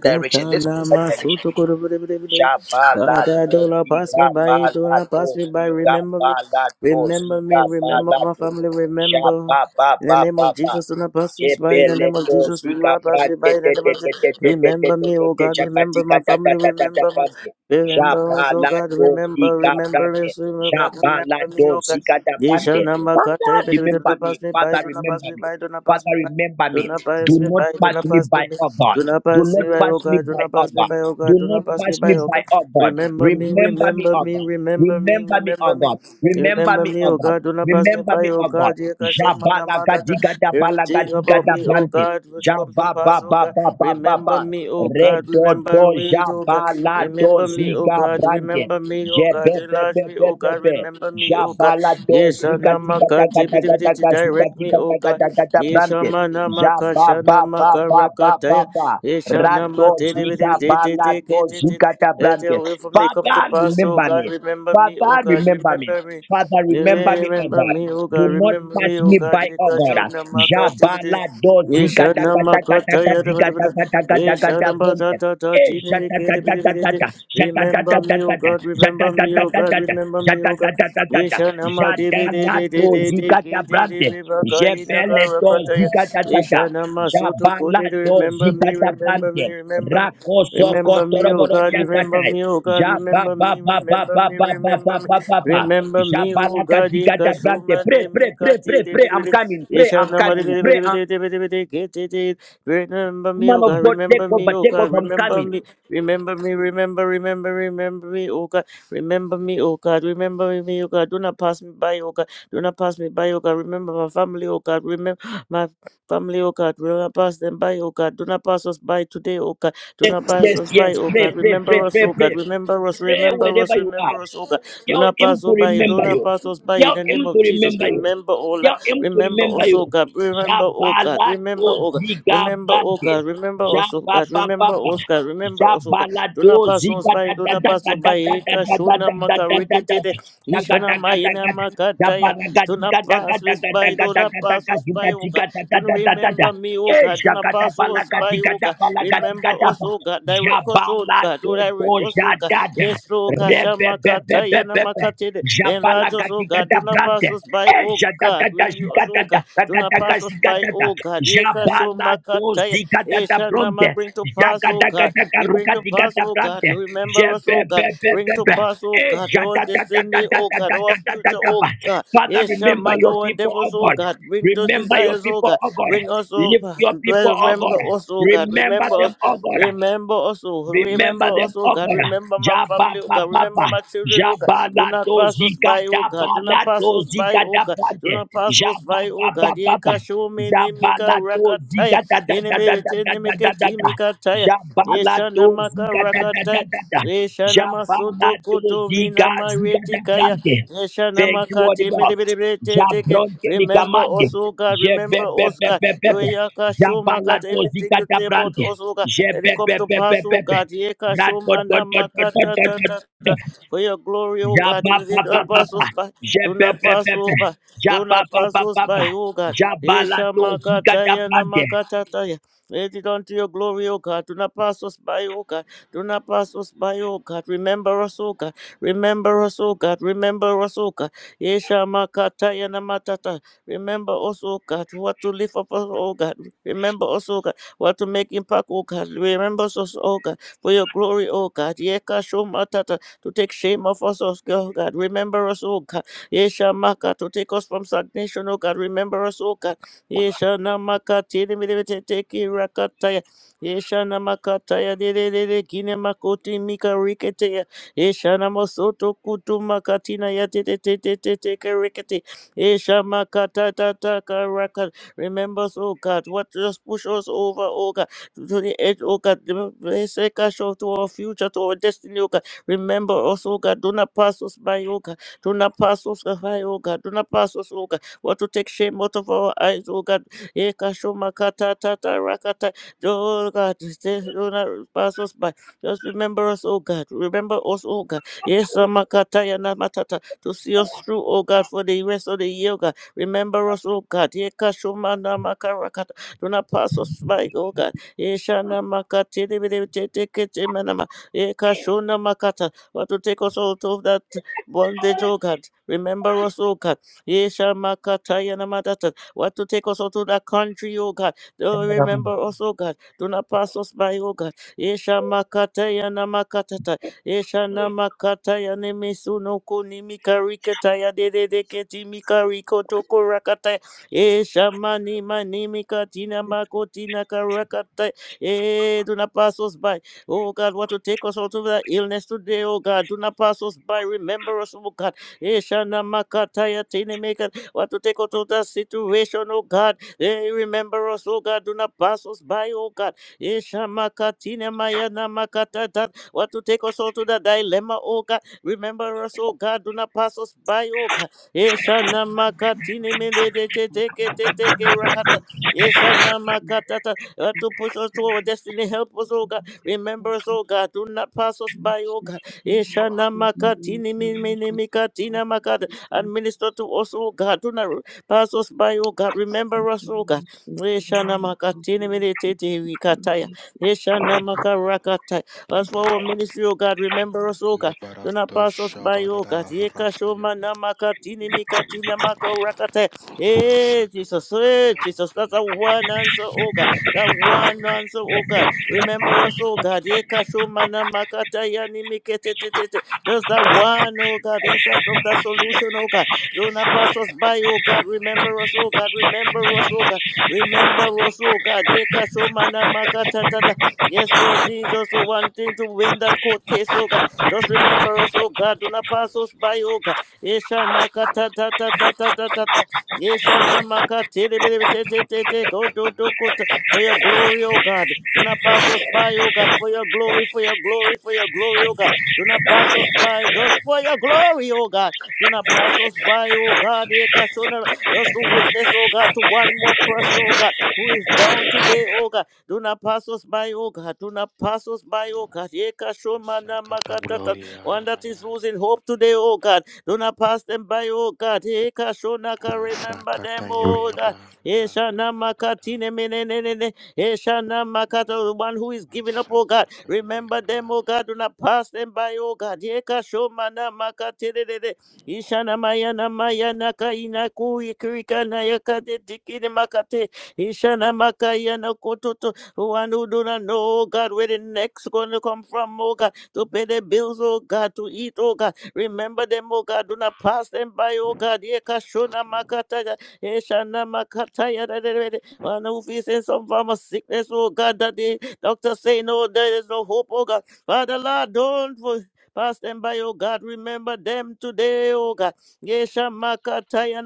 D: Katana masuto korobrebrebrebre. Kada do not pass me by, do not pass me by. Remember me, remember me, remember my family, remember. In the name of Jesus, do not pass us by. In the name of Jesus, do not pass me by. In the name of Jesus, remember me, oh God, remember my family, remember my. Remember us, oh God, remember, remember us, oh God, remember me, oh God. Ye shall not pass
A: Father,
D: me by, do
A: remember
D: not
A: me.
D: pass me by,
A: Father,
D: do not pass
A: remember
D: me
A: me.
D: by, do not pass me
A: Father,
D: by.
A: remember
D: Do
A: me.
D: not pass
A: Do
D: me
A: not
D: by, do
A: pass
D: not
A: me
D: pass me
A: by,
D: by,
A: oh God.
D: do not
A: Do
D: pass me
A: not
D: by,
A: pass
D: oh
A: me
D: God, do
A: by,
D: not
A: oh
D: pass me
A: God.
D: by, oh God,
A: Do
D: do
A: not
D: not pass me
A: pass me
D: by, oh
A: by,
D: God.
A: oh God.
D: Remember me,
A: Remember me,
D: remember
A: oh
D: me,
A: God.
D: remember me,
A: Remember me,
D: remember
A: oh
D: me,
A: God. Remember
D: remember
A: me,
D: me,
A: oh
D: oh
A: God.
D: God, do not pass me
A: Remember
D: by,
A: me,
D: oh
A: oh God.
D: God, yeah, God, show my name,
A: Jabala
D: my daughter.
A: gadiga da bala
D: everything
A: gadiga
D: about
A: da
D: me, oh
A: brante.
D: God, will to come to
A: Jaba
D: pass,
A: ba
D: oh
A: ba
D: God.
A: ba ba ba
D: Remember
A: ba.
D: me, oh God,
A: Redo do
D: remember me, oh God,
A: jabala do
D: remember me, oh
A: ziga
D: God,
A: brante.
D: remember me, oh God, enlarge me, oh God,
A: Jebebebebebebe.
D: remember me, oh God.
A: Jabala
D: Yes,
A: dos
D: I'm
A: zika
D: not my
A: zika
D: God,
A: taka taka taka zika
D: direct me,
A: zika
D: oh
A: taka
D: God.
A: taka taka brante.
D: Ishamana
A: Jaba
D: makashana
A: ba ba ba ba ba
D: makarakataya.
A: ba.
D: Ishana
A: Rato zika bala do
D: matidibidibididididididid.
A: zika ta
D: Let
A: brante.
D: your will for me come to
A: Father
D: pass, O
A: remember
D: God.
A: me.
D: Remember me,
A: Father
D: O God.
A: remember me.
D: Remember me.
A: Father, remember me, oh
D: Remember
A: God.
D: me, O
A: Do
D: God.
A: not
D: Remember
A: pass
D: me, O
A: me
D: God.
A: by, oh God.
D: Ikashona makatibidi.
A: Jabala do zikata
D: Ishana
A: kata kata kata
D: makataya.
A: zikata
D: dabadabada.
A: kata kata kata
D: Ishana
A: bonte.
D: batatata.
A: Eh,
D: Dinibikidibidibididi.
A: jatatatatata,
D: Remember me, O
A: jatatatatata,
D: God. Remember me, O God.
A: jatatatatata,
D: Remember me, O God.
A: jatatatatata,
D: Nishanama dibi di
A: jadala
D: di di
A: do
D: di di
A: zikata
D: ki di di
A: brante,
D: bi baka inaka
A: jebele do zikata tata,
D: sutu
A: jabala
D: kudi
A: do
D: remember me,
A: zikata
D: remember me,
A: brante,
D: remember me.
A: rakoso
D: Remember me, oh
A: kotorobodo
D: God, remember
A: yakatai.
D: me, oh God,
A: Ja ba
D: remember
A: ba
D: me,
A: ba ba
D: remember
A: ba
D: me,
A: ba ba ba
D: remember me,
A: ba ba ba.
D: remember
A: Ja
D: me,
A: ba
D: oh
A: la ga
D: God,
A: di ga da brante.
D: Ikashuma
A: Pray, pray,
D: Nemeka
A: pray, pray, pray. I'm
D: Tidibidi,
A: coming. Pray, I'm
D: Ishanama
A: coming. Pray, I'm
D: Dibidi, Kitty, remember me,
A: man
D: oh God,
A: of God. Take
D: remember me,
A: over,
D: oh
A: take
D: God,
A: over. I'm
D: remember
A: coming.
D: me, remember me, remember, remember, remember me, oh God. Remember me, O God. Remember me, O God. Do not pass me by, O God. Do not pass me by, O God. Remember my family, O God. Remember my family, O God. Do not pass them by, O God. Do not pass us by today, O God. Do not
A: Yes,
D: pass
A: yes,
D: us
A: yes.
D: by, O
A: Pray,
D: God.
A: pray, pray,
D: Remember us,
A: pray,
D: O
A: pray.
D: God. Remember us,
A: Pray
D: remember us,
A: wherever you are.
D: remember us, O God. Do
A: Tell
D: not
A: him
D: pass
A: to
D: us by. Do
A: remember
D: not
A: you.
D: pass us by in
A: Tell
D: the name
A: him to
D: of Jesus.
A: remember you.
D: Remember, O Lord.
A: Tell him to
D: Remember
A: remember
D: us, O
A: you.
D: God. Remember, O God. Remember,
A: Jabalado
D: O God. Remember, O
A: zigabrante.
D: God. Remember us, O God.
A: Jabababa.
D: Remember us, God. Remember us, O God.
A: Jabalado
D: Tuna pasos by tuna pasos by eka shuna maka rikitide
A: zigadadadadadadadadadadadadadadadadadada.
D: ishana mayina
A: Zagadagadagadada.
D: makataya. Tuna pasos by tuna
A: Jabaragadigadagadagadagadagadagadaga
D: pasos by oka. Do not
A: zigadadadadadadadada.
D: remember me O
A: Eh,
D: God. Don't pass us by O God. Remember us
A: jagadabalagadagadabalagagadagada.
D: O God. Direct us O God.
A: Jabalado
D: To direct us O God.
A: dojadada.
D: Yes oka shama kataya na
A: Rebebebebebebe.
D: makatide. Enlarge us oka.
A: Jabalagadigada
D: Tuna
A: brande.
D: pasos by oka. Renew us O God. Do not pass us by
A: Ejadadadazigadadatagadagadagada.
D: oka. Eka shuma kataya.
A: Jabaladozigada
D: Ishana ma
A: bronde.
D: bring to pass O God. We bring to
A: Zagadagadagarugadiga
D: pass, oh God.
A: brande.
D: Remember us, oh God. Bring to
A: Jebebebebebe.
D: pass, oh God, our destiny, oh God, our future, oh
A: Ejadadadadadadadadadadadaba.
D: God.
A: Father,
D: Yes,
A: remember
D: Shamak,
A: your
D: our
A: people,
D: endeavors,
A: oh
D: oh
A: God.
D: God. Bring those
A: Remember your
D: desires, oh
A: people,
D: God.
A: oh God.
D: Bring us, oh
A: Lift
D: God.
A: your people, oh
D: Remember
A: God.
D: us, oh God.
A: Remember
D: Remember
A: them,
D: us.
A: oh God.
D: Remember us, oh. Remember
A: Remember
D: us,
A: them,
D: oh
A: oh
D: God.
A: God.
D: Remember my
A: Jabba
D: family, oh
A: Baba
D: God. Remember
A: Baba.
D: my children, oh God. Do
A: Jabala
D: not pass us
A: dozika
D: by, oh God. Do not
A: dabala
D: pass us by,
A: dozika
D: oh God. Do
A: dabante.
D: not pass us
A: Jabba
D: by, oh
A: Baba
D: God.
A: Baba.
D: Yeka show me, Nimika
A: Jabala
D: Rakataya.
A: dozika da da da da
D: Enemy,
A: da da
D: enemy,
A: da da da da.
D: Timika Taya.
A: Jabala
D: Ishana
A: dozika da da da
D: makarakataya.
A: da da.
D: Ishana
A: Jabala
D: masoto koto mina
A: dozika zika
D: maritikaya.
A: dabante.
D: Ishana
A: Thank you, Holy
D: makati
A: Ghost.
D: midibidibiditeke.
A: Jabronte di
D: Remember us,
A: kamande.
D: O God. Remember us, God.
A: Jebebebebebepe.
D: Oyaka shomakat.
A: Jabalato
D: Everything you
A: zikata
D: say about
A: brante.
D: us, O God. Let it come to pass, O
A: Jebebebebebepe.
D: God. Yeka shomana makata ta ta
A: Ratotototototototo.
D: ta. For your glory, O God. Let it not pass
A: Jabapapapapa.
D: us by. Do not pass
A: Jebebebepe.
D: over. Do not pass us
A: Jabapapapapa.
D: by, O God. Isha
A: Jabalato zikata
D: makataya na
A: brante.
D: makataya. Let it unto your glory, O God. Do not pass us by, O God. Do not pass us by, O God. Remember us, O God. Remember us, O God. Remember us, O God. Yesha makataya namatata. Remember us, O God. What to lift up us, O God. Remember us, O God. What to make impact, O God. Remember us, O God. For your glory, O God. Yeka shomatata. To take shame off us, O God. Remember us, O God. Yesha maka. To take us from stagnation, O God. Remember us, O God. Ishana makati mirimete teki rakataya. Ishana makataya de de de de kine makoti mika riketeya. Ishana masoto kutu makatina ya te te te te te te ke rikete. Isha makata ta ta ka raka. Remember us, oh God, what just push us over, oh God, to the edge, oh God. Bless us to our future, to our destiny, oh God. Remember us, oh God. Do not pass us by, oh God. Do not pass us by, oh God. Do not pass us, oh God. What to take shame out of our eyes, oh God. Ekashoma kata tata rakata. Oh God, stay- do not pass us by. Just remember us, oh God. Remember us, oh God. Yes, Amakata Yanamatata. To see us through, oh God, for the rest of the year, oh God. Remember us, oh God. Ekashoma namakarakata. Do not pass us by, oh God. Eshana makati tete manama. Ekashona makata. But to take us out of that bondage, oh God. Remember us, oh God. Yeshamakatayanamadatat. What to take us out to that country, oh God. Oh, remember us, oh God. Do not pass us by, oh God. Yeshamakatayanamakatatata. Yeshanamakayanemisunokunimikarikataya dededeketimikaritokorokatai. Yeshamanimanimikatinamakotinakarakata. Eh, Do not pass us by. Oh God, what to take us out of that illness today, oh God. Do not pass us by. Remember us, oh God. Ishana makataya tini maker. Want to take us to that situation, oh God. Eh, remember us, oh God. Do not pass us by, oh God. Ishamakatina mayana makatata. Want to take us all to the dilemma, oh God. Remember us, oh God. Do not pass us by, oh God. Ishana
E: Thank
D: makatini mende de te te ke te te ke rakata. Ishana makatata. Want to push us to our destiny. Help us, oh God. Remember us, oh God. Do not pass us by, oh God. Ishana makatini mini mikatina makata. And minister to us, oh God. Do not pass us by, oh God. Remember us, oh God. Ishana makatini mini titi wikataya. Ishana makarakataya. as for our ministry, oh God. Remember us, oh God. Do not
G: Liberando
D: pass us by, oh God.
G: Shabarada
D: Yeka shoma
G: Rafayanda
D: na makatini
E: you.
D: mikatina makarakataya. Hey,
G: Masakata
D: Jesus. Hey,
G: Glavia
D: Jesus. That's a
G: Rafayanda
D: one answer, oh God.
G: Masakata
D: That
G: Yaviyanda
D: one answer, oh God. Remember us, oh God. Ye kashomana makata ya ni mikete te te te. Just that one, oh God, inside of that solution, oh God.
G: Brando
D: Do not pass
G: Shabarada
D: us by, oh God. Remember
G: Rafayanda
D: us, oh God. Remember us, oh God. Remember us, oh God. Ye
G: Ramaya
D: kashomana
G: Katana
D: makata ta ta.
G: Masakata
D: Yes, Lord
G: Yaviyanda
D: Jesus, oh, one thing to win that court case, oh God. Just
G: Masakata
D: remember us,
G: Yaviyanda
D: oh God. Do not pass
G: Brando
D: us by,
G: Shabarada
D: oh God. Yesha makata ta ta ta ta ta ta ta. Yesha namakate te te te te te. Go
G: Rafayanda
D: do do ko ta
G: Maya
D: for your
G: Katana
D: glory, O God.
G: Masakata
D: Do not
G: Yaviyanda
D: pass us by, O God, for your glory, for your glory, for your glory, O God. Do not pass us by, just for your glory, O God. Do not pass us
G: Masakata
D: by, O God.
G: Yaviyanda
D: Eka shona-
G: Brando Shabarada
D: Just to witness, O God, to one more person, O God, who is down today, O God. Do not pass us by, O God. Do not pass us by, O God. Eka shoma na
G: Masakata
D: makatata.
G: Glavia
D: One that is
G: Ramaya
D: losing hope today, O God. Do not pass them by, O God. Eka shona ka. Remember them,
G: Mashakata
D: O God.
G: Yabayaba Lebrando
D: Eshana
G: Yabrada
D: makatine menenene. Eshana makata. The one who is giving up, oh God.
G: Mashakata
D: Remember
G: Yabayaba
D: them, oh God. Do not pass them by, oh God. Yeka shomana makaterere. Ishana mayana mayana kaina kuikrika na yakate tikine makate. Ishana makayana kototo. The one who do not know, oh God, where the next going to come from, oh God. To pay the bills, oh God. To eat, oh God. Remember them, oh God. Do not pass them by, oh God. Yeka shona makata. Ishanamakataya da da da da. One who is in some form of sickness, oh God, that the doctor say no, there is no hope, oh God. Father Lord, don't for- pass them by, oh God. Remember them today, oh God. Yeshamakataya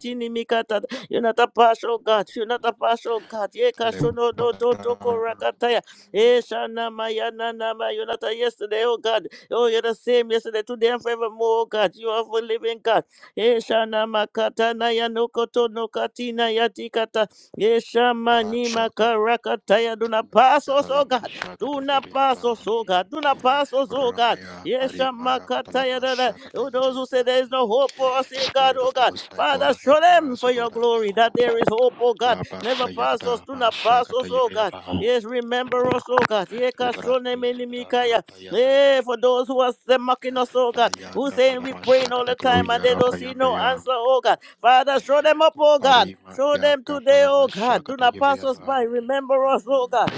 D: tini mikata. You're not a partial God. You're not a partial God. Yekashono no toto totoko
G: Lebrada
D: rakataya. Yeshanamaya nanama. You're not a yesterday, oh God. Oh, you're the same yesterday, today, and forevermore, oh God. You are a living God. Eshana makatana ya nokoto nokatina ya tikata. Yeshama ni
G: Mashakata
D: makarakata ya duna pasos, oh
G: Talama
D: God.
G: Shakata
D: Duna
G: Yabayaba
D: pasos, oh God. Duna oh God.
G: Ramaya
D: Yeshama
G: Arimaya
D: kataya
G: Katalama
D: dada.
G: Shakata
D: Oh, those who say
G: Yabayaba
D: there is no hope for us in God,
G: Spirit
D: oh
G: of the
D: God.
G: Most High God
D: Father, show
G: Emperor
D: them for your
G: Sugoda
D: glory that there is hope, oh God.
G: Laba
D: Never pass us,
G: Sayakata
D: do not pass us,
G: Mashakata
D: oh God.
G: Yabayaba
D: Yes, remember us, oh God. Yeka
G: Lebrando
D: shone Yekashone
G: Yabrada
D: mikaya.
G: Rapayandaya
D: Eh, for those who are mocking us, oh God
G: Maya
D: who's saying we
G: Katalama
D: praying all the
G: Shakata
D: time and
G: Gloria
D: they don't see no
G: Rapayandaya
D: answer, oh God. Father, show them up, oh God.
G: Arima
D: Show
G: ya
D: them today, oh
G: katalama
D: God. Do
G: shakata
D: not pass us
G: yaviyava.
D: by. Remember us, oh God.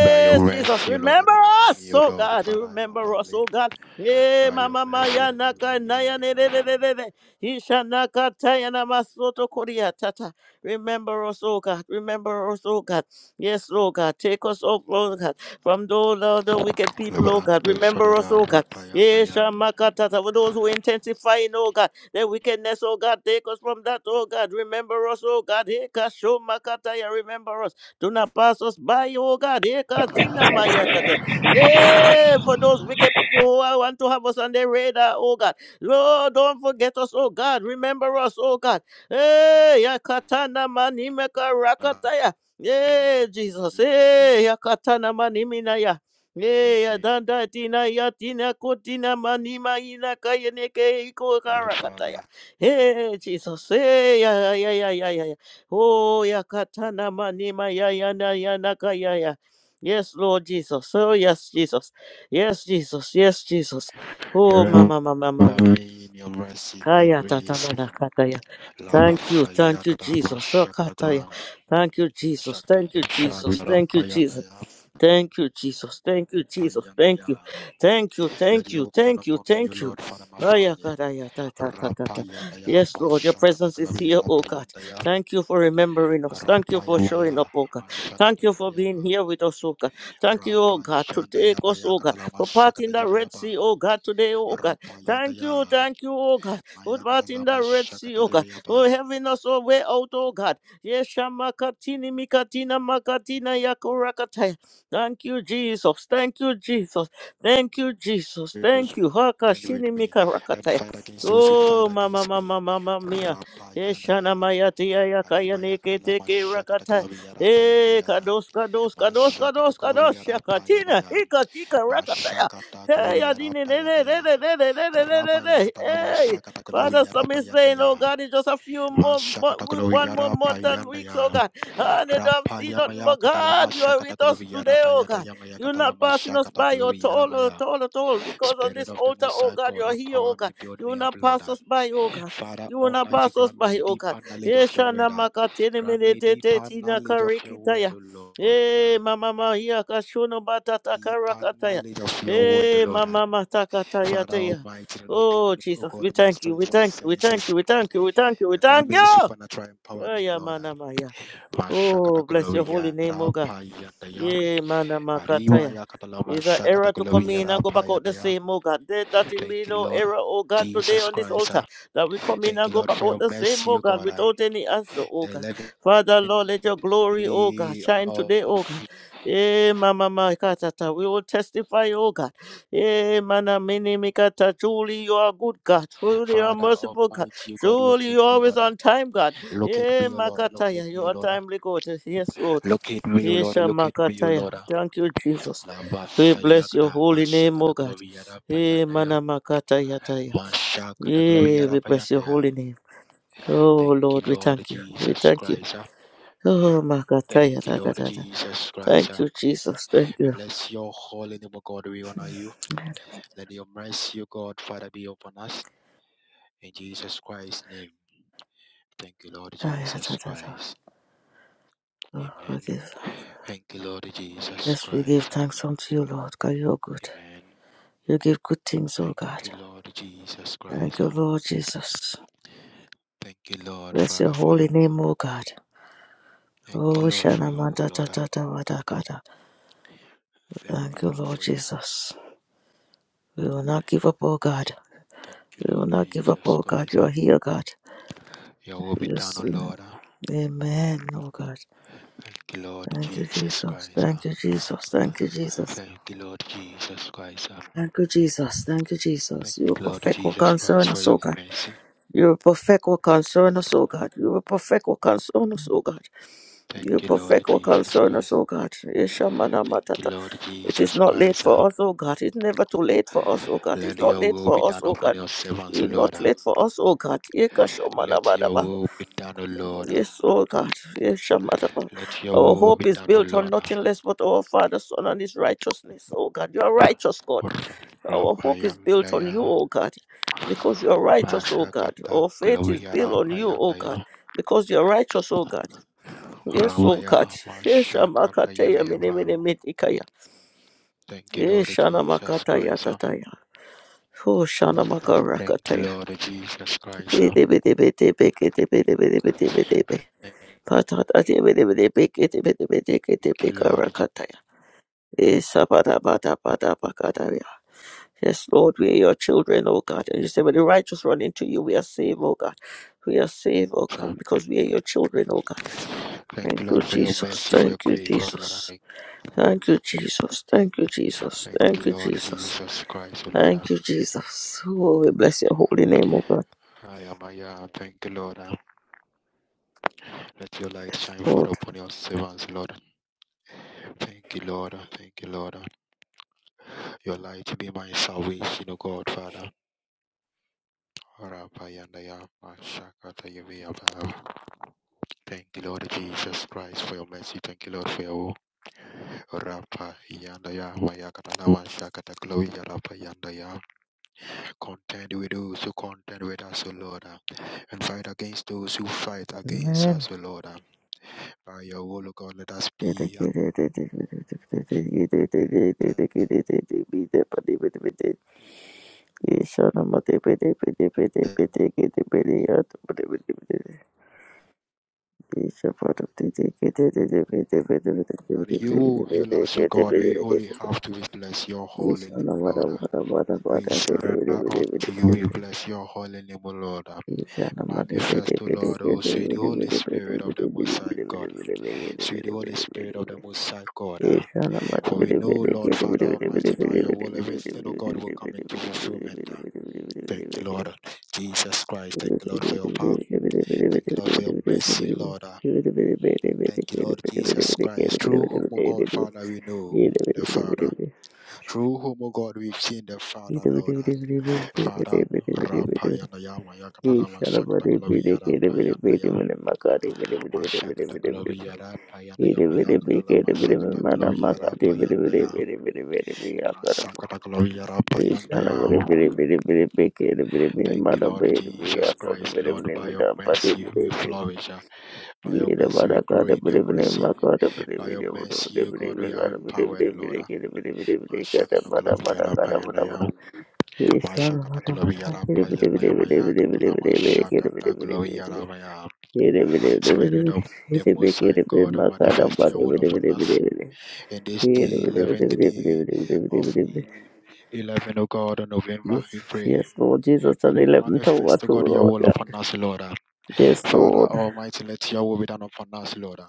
G: By your
D: Jesus,
G: mercy, O Lord,
D: remember
G: remember
D: us,
G: me, O
D: oh
G: Lord,
D: God.
G: Father, and my
D: Remember us,
G: family.
D: oh God. Yeah,
G: By your
D: mama
G: mercy,
D: maya
G: remember
D: naka
G: me,
D: naya
G: and
D: ne
G: my
D: ne ne ne ne
G: family.
D: ne. Isha naka taya na masoto koria tata. Remember us, oh God. Remember us, oh God. Yes, oh God. Take us, oh Lord God, from those other wicked people, oh God.
G: Liberanto
D: Remember us,
G: shodada
D: oh God.
G: rapa
D: Yeah,
G: yandaya.
D: Shamakatata. For those who intensifying, oh God, their wickedness, oh God, take us from that, oh God. Remember us, oh God. Hey, Kashomakataya, remember us. Do not pass us by, oh God. Hey, Kadinamayatata. Yeah, for those wicked people who are- want to have us on their radar, oh God. Lord, don't forget us, oh God. Remember us, oh God. Hey, Yakatana Manimeka Rakataya. Yeah, Jesus. Hey, Yakatana Maniminaya. Yea, adanda tina yatina kotina manima ina kayeneke iko
G: Your
D: karakataya.
G: Father,
D: Hey,
G: in your
D: Jesus.
G: mercy.
D: Hey, ya ya ya ya ya. ya. Oh, ya katana manima ya ya na ya na kaya ya. Yes, Lord Jesus. Oh, yes, Jesus. Yes, Jesus. Yes, Jesus. Oh, mama, mama, mama.
G: Remember me in your mercy, your
D: Kaya
G: grace.
D: tatana na kataya.
G: Lava
D: Thank you, thank you,
G: fayakata
D: Jesus. Oh,
G: mashakata
D: kataya.
G: glory.
D: Thank you, Jesus.
G: Shakti
D: Thank you, Jesus.
G: yashakata
D: Thank you, Jesus.
G: payandaya.
D: Thank you, Jesus. Thank you, Jesus. Thank you.
G: Payandaya.
D: Thank you.
G: Let
D: Thank
G: your
D: you.
G: will be done
D: Thank you.
G: upon me, O
D: Thank you.
G: Lord, Father, my
D: Aya
G: family.
D: karaya ta ta ta ta ta.
G: Rapayandaya,
D: Yes, Lord, your presence is
G: Mashakataglavia,
D: here, oh God.
G: Payandaya,
D: Thank you for remembering us. Thank you for showing up,
G: Rapayamaya.
D: oh God. Thank
G: Mashakata
D: you for
G: Yabayaba,
D: being here with us, oh God. Thank you, oh
G: Rapa
D: God, to take us,
G: Maya
D: oh God,
G: Katalama
D: for
G: Shakata
D: parting the Red
G: Yabayaba,
D: Sea, oh God, today, oh God.
G: Rapa
D: Thank you, thank you, oh God, for
G: Maya
D: parting
G: Katalama
D: the Red Sea,
G: Shakata
D: oh God, for
G: Yabayaba.
D: having us our way out, oh God. Yes, Shamakatini Mikatina Makatina Yakurakataya. Thank you, Jesus. Thank you, Jesus. Thank you, Jesus.
G: Those
D: Thank
G: who
D: you. Haka
G: stand with
D: shini
G: me
D: mika
G: and
D: rakataya.
G: fight against those who fight
D: Oh, mama,
G: against me.
D: mama, mama mia.
G: Rapa Yandaya.
D: Eshana maya tia ya kaya
G: Arima
D: neke
G: Yakatalama
D: teke
G: Shakata
D: rakataya.
G: Glavia Rapa
D: Eh,
G: Yandaya,
D: kados, kados, kados,
G: Mashakata
D: kados, kados.
G: Glavia Rapa
D: Shakatina,
G: Yamaya.
D: hika tika rakataya.
G: Mashakata
D: Hey,
G: Gloriara
D: adine, ne, ne,
G: Payandaya
D: ne, ne, ne, ne, ne, ne, ne, ne,
G: Ramaya
D: ne.
G: Katalama
D: Hey,
G: Shakata
D: Father,
G: Gloriara
D: some is saying,
G: Payandaya
D: oh God, it's just a few more,
G: Mashakata
D: mo- one more
G: Gloriara
D: month and weeks, oh
G: Payandaya
D: God. God, they don't see nothing
G: Rapayamaya
D: but
G: Katalama
D: God. You are
G: Shakata
D: with us
G: Gloriara
D: today, oh God.
G: Payandaya Maya
D: You're not
G: Katalama
D: passing us
G: Shakata
D: by, oh, at
G: Gloriara
D: all,
G: Maya
D: at all, at all. Because on
G: Spirit
D: this
G: of the
D: altar,
G: Most
D: oh God,
G: God
D: you're here, oh
G: empower
D: God.
G: me build
D: You will
G: me up
D: not
G: Lord
D: pass us by, oh God.
G: Father
D: You will not
G: Almighty
D: pass us
G: grant
D: by,
G: me
D: oh God.
G: deeper knowledge
D: Eh,
G: of your
D: Shana
G: word ah.
D: Makatene
G: grant me
D: Menetete
G: deeper
D: Tina
G: knowledge of your word
D: Karikitaya.
G: O Lord
D: Eh,
G: ah.
D: mama mahia kashono batata
G: deeper
D: karakataya.
G: knowledge of your word O
D: Eh,
G: Lord
D: mama matakataya
G: Father
D: teya.
G: Almighty, and open,
D: Oh,
G: O
D: Jesus,
G: God,
D: we
G: my
D: thank you, we
G: spiritual
D: thank you, we thank
G: senses.
D: you, we thank you, we thank you, we
G: Grant
D: thank
G: me
D: you.
G: supernatural
D: Oh,
G: empowerment,
D: yeah,
G: Lord.
D: mana maya. Oh,
G: Mashakata
D: bless your holy
G: Gloria
D: name, O God.
G: Rapa Yandaya.
D: Yeah, man, I'm a
G: Arima
D: kataya.
G: Yakatala
D: It's an
G: Mashakata
D: error to come
G: Gloria
D: in and go back
G: Rapa
D: out the
G: Yandaya.
D: same, oh God. Let that it
G: Thank
D: be
G: you,
D: no
G: Lord.
D: error, oh God, today
G: Jesus
D: on this
G: Christ.
D: altar.
G: ah.
D: That we come in
G: Thank
D: and
G: you,
D: go
G: Lord,
D: back
G: for
D: out
G: your
D: the same,
G: mercy,
D: oh
G: O
D: God,
G: God. ah.
D: without any answer, oh
G: The
D: God. Father, Lord,
G: 11th
D: let your glory, oh God,
G: day
D: shine
G: of
D: today, oh God. Eh, mama, my katata. We will testify, oh God. Eh, mana, mini, mikata. Truly, you are good, God. Truly, you are
G: Father
D: merciful, God.
G: Almighty, O God,
D: Truly, you
G: locate
D: are
G: me,
D: always
G: Lord. ah.
D: on time, God.
G: Locate
D: Eh,
G: me, O Lord. ah. Locate
D: makataya. You
G: me, O
D: are
G: Lord. ah.
D: timely, God. Yes, Lord.
G: Locate me, O Lord. ah.
D: Yesha
G: Locate me, O
D: Makataya.
G: Lord. ah.
D: Thank you, Jesus.
G: Lamba
D: We bless your
G: Sayakata
D: holy name, O
G: Mashakata
D: God.
G: Gloviara
D: Eh,
G: Payandaya
D: mana makataya taya.
G: Mashakata
D: Yeah,
G: Gloviara
D: we bless your
G: Payandaya.
D: holy name. Oh
G: Thank you,
D: Lord, we
G: Lord
D: thank you. We
G: Jesus
D: thank you.
G: Christ. ah.
D: Oh
G: Thank
D: Makataya.
G: you,
D: Da, da,
G: Lord
D: da, da.
G: Jesus Christ.
D: Thank
G: ah.
D: you, Jesus. Thank
G: We
D: you.
G: bless your holy name, O God. We honor you. Let your mercy, O God, Father, be upon us. In Jesus Christ's name. Thank you, Lord
D: Makataya, da,
G: Jesus
D: da, da.
G: Christ.
D: Oh,
G: Amen.
D: forgive us.
G: Thank you, Lord Jesus
D: Yes, we give
G: Christ. ah.
D: thanks unto you, Lord, because you are good.
G: Amen.
D: You give good things, O
G: Thank
D: God.
G: you, Lord Jesus
D: Thank
G: Christ.
D: you, Lord
G: ah.
D: Jesus.
G: Thank you, Lord,
D: Bless your
G: Father, for your
D: holy
G: will.
D: name, O God.
G: Thank
D: Oh,
G: you, Lord, for
D: Shana
G: your will,
D: Mata
G: Lord. ah.
D: Tata
G: Thank you,
D: Thank you,
G: Lord,
D: Lord
G: for your will.
D: Jesus. We will not give up, oh God.
G: Thank you,
D: We will
G: Lord
D: not give up,
G: Jesus
D: oh God.
G: Christ.
D: You are
G: ah.
D: here, God.
G: Your will be
D: You
G: done, O
D: see.
G: Lord. ah.
D: Amen, oh God.
G: Thank you, Lord
D: Thank you,
G: Jesus
D: Jesus.
G: Christ.
D: Thank
G: ah.
D: you, Jesus. Thank you, Jesus.
G: Thank you, Lord Jesus Christ. ah.
D: Thank you, Jesus. Thank you,
G: Thank
D: Jesus. You will
G: you, Lord
D: perfect what
G: Jesus Christ,
D: concern
G: for
D: us, oh
G: your
D: God.
G: mercy.
D: You will perfect what concern us, oh God. You will perfect what concern us, oh God.
G: Thank
D: You
G: you, Lord
D: perfect what
G: Jesus
D: concern
G: Christ.
D: us, O God. Yesha mana
G: Thank you,
D: matata.
G: Lord
D: It is
G: Jesus
D: not late
G: Christ.
D: for
G: ah.
D: us, O God. It's never too late for us, O God. It's
G: Let
D: not
G: your
D: late
G: will be
D: for us,
G: done
D: O
G: upon
D: God.
G: your servants, O
D: It's
G: Lord.
D: not
G: ah.
D: late for us, O God. Yeka shomana
G: Let your
D: badaba.
G: will be done, O Lord. ah.
D: Yes, O God. Yesha mataba.
G: Let your
D: Our
G: will
D: hope
G: be
D: is
G: done, O
D: built on
G: Lord.
D: nothing less but our Father, Son, and His righteousness, O God. You are righteous, God. Our hope is built on you,
G: Ramayandaya
D: O God. Because you are righteous, O God.
G: Mashakata
D: Our faith is built
G: Gloviara
D: on you, O God.
G: Payandaya
D: Because you are righteous, O God. Yes, O God.
G: Ramaya
D: Esha
G: Mashakata
D: makataya mene
G: Yivayava.
D: mene metikaya.
G: Thank you, Lord
D: Esha na
G: Jesus
D: makataya
G: Christ.
D: tataya. Oh, shana
G: Thank you,
D: makarakataya.
G: Lord Jesus Christ.
D: Bede bede bede beke de bede bede bede bede be.
G: Thank
D: Patata de bede bede beke de bede bede ke de
G: you,
D: beka
G: Lord
D: rakataya. Esa bada bada bada bakadaya. Yes, Lord, we are your children, O God. And you say, when the righteous run into you, we are saved, O God. We are saved, O
G: Jesus.
D: God, because we are your children, O God.
G: Thank you,
D: Thank you,
G: Lord, for your
D: Jesus.
G: mercy, for your
D: Thank you,
G: grace, O Lord.
D: Jesus. Thank you, Jesus. Thank you, Jesus.
G: Thank you,
D: Thank you,
G: Lord
D: Jesus.
G: Jesus Christ, O Lord.
D: Thank you, Jesus. Oh, we bless your holy name, oh God.
G: I am Aya. Thank you, Lord. Uh, Let your light
D: Yes,
G: shine forth
D: Lord.
G: upon your servants, Lord. Thank you, Lord. Uh, Thank you, Lord. Uh, Your light be my salvation, O God, Father. Rapayandaya, Mashakatayavayabha. Thank you, Lord Jesus Christ, for your mercy. Thank you, Lord, for your will. Rapa yanda ya maya katana washa kata glory ya rapa yanda ya Contend with those who contend with us, O Lord, uh, and fight against those who fight against
D: Amen.
G: us, O Lord. uh. By your will, O God, let us be. uh, That you will heal us, O God. We only have to bless your holy name, Lord. uh. We surrender unto you. We bless your holy name, O Lord. uh.
D: Ishana
G: Manifest, O Lord, O sweet Holy Spirit of the Most High God. uh. Sweet Holy Spirit of the Most High God. uh. For we know, Lord Father Almighty, by your will, everything, O God, will come into fulfillment. uh. Thank you, Lord. Jesus Christ. Thank you, Lord, for your power. Thank you, Lord, for your mercy, Lord. Uh, Thank you, Lord Jesus Christ. Through whom, O God, Father, we know the Father. Through whom, O God, we've seen the Father, Lord. Uh, Father, Rapayana Yama
D: He
G: yakatala Yakatalama
D: shalabari bide
G: Shakatakalaviyara
D: kere bide
G: Payanda
D: bide
G: Yama
D: mene makari bide bide bide bide bide
G: Shakatakalaviyara Payanda
D: bide bide
G: Yama
D: bide bide
G: yakatala
D: kere
G: Yakatalama
D: bide mene mana
G: Shakatakalaviyara
D: makari bide
G: Payanda
D: bide
G: Yama
D: bide bide bide bide akaram.
G: Shakatakalaviyara
D: He
G: Payanda
D: shalabari
G: Yama.
D: bide bide bide bide kere bide mene
G: Thank you,
D: mana
G: Lord
D: bide bide
G: Jesus
D: akod
G: Christ.
D: bide
G: Lord,
D: bide
G: by
D: bide
G: your
D: apati
G: mercy
D: bide
G: we
D: bide
G: flourish. Uh, By your
D: bide
G: mercy, we
D: bara
G: grow
D: kare
G: in
D: bide
G: your
D: mene
G: mercy.
D: makari bide
G: By your
D: bide
G: mercy,
D: bide
G: O
D: bide bide
G: God, we are
D: bide kare bide
G: empowered,
D: bide
G: Lord.
D: bide kere bide bide bide kare bara bara kare bara bara. He shalabari bara kere bide bide bide bide bide bide bide kere bide bide bide Yes,
G: Spirit of the
D: yes,
G: Most High God, manifest your will upon us. In this day, 11th day of el- 11, O God, November, we pray
D: Lord Jesus, and
G: that you
D: 11th hour
G: manifest, O
D: too,
G: God, your
D: Lord
G: will
D: God.
G: upon us, Lord.
D: Yes,
G: Father
D: Lord.
G: Almighty, let your will be done upon us, Lord.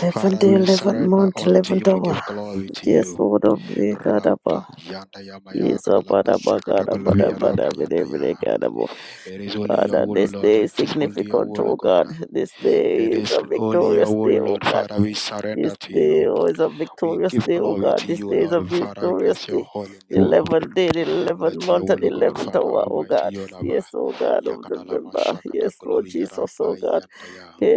D: 11th
G: Father,
D: day,
G: we
D: 11th
G: surrender
D: month,
G: unto you.
D: 11th
G: We
D: hour.
G: give glory to
D: Yes,
G: you.
D: Lord of the God,
G: Rapa yanda ya Maya.
D: Jesus,
G: katalama
D: Father, my
G: shakata
D: God, i Father, gonna- I'm gonna-
G: kolobi Rapa yanda ya.
D: God, I'm going
G: It is only your
D: Father,
G: will, O
D: this
G: Lord.
D: day is
G: It is only your
D: significant,
G: will, O
D: oh
G: God.
D: God. This day
G: It
D: is
G: is
D: a
G: only your
D: victorious
G: will,
D: day,
G: O
D: oh
G: Lord.
D: God.
G: Father, we surrender
D: This
G: to
D: day
G: you.
D: oh, is a
G: We
D: victorious
G: give
D: day, oh
G: glory
D: God.
G: to
D: This
G: you, O
D: day is a
G: Lord. Father, we
D: victorious
G: bless your
D: day.
G: holy
D: The
G: name. O.
D: 11th day, the 11th
G: Let your
D: month, and
G: will,
D: the
G: O God,
D: 11th
G: Father
D: hour, oh
G: Almighty,
D: God.
G: your lava.
D: Yes, oh God of
G: Yakatalama
D: November.
G: shakata
D: Yes, oh
G: kolobi
D: Jesus, oh
G: Rapa
D: God.
G: yanda ya.
D: Hey,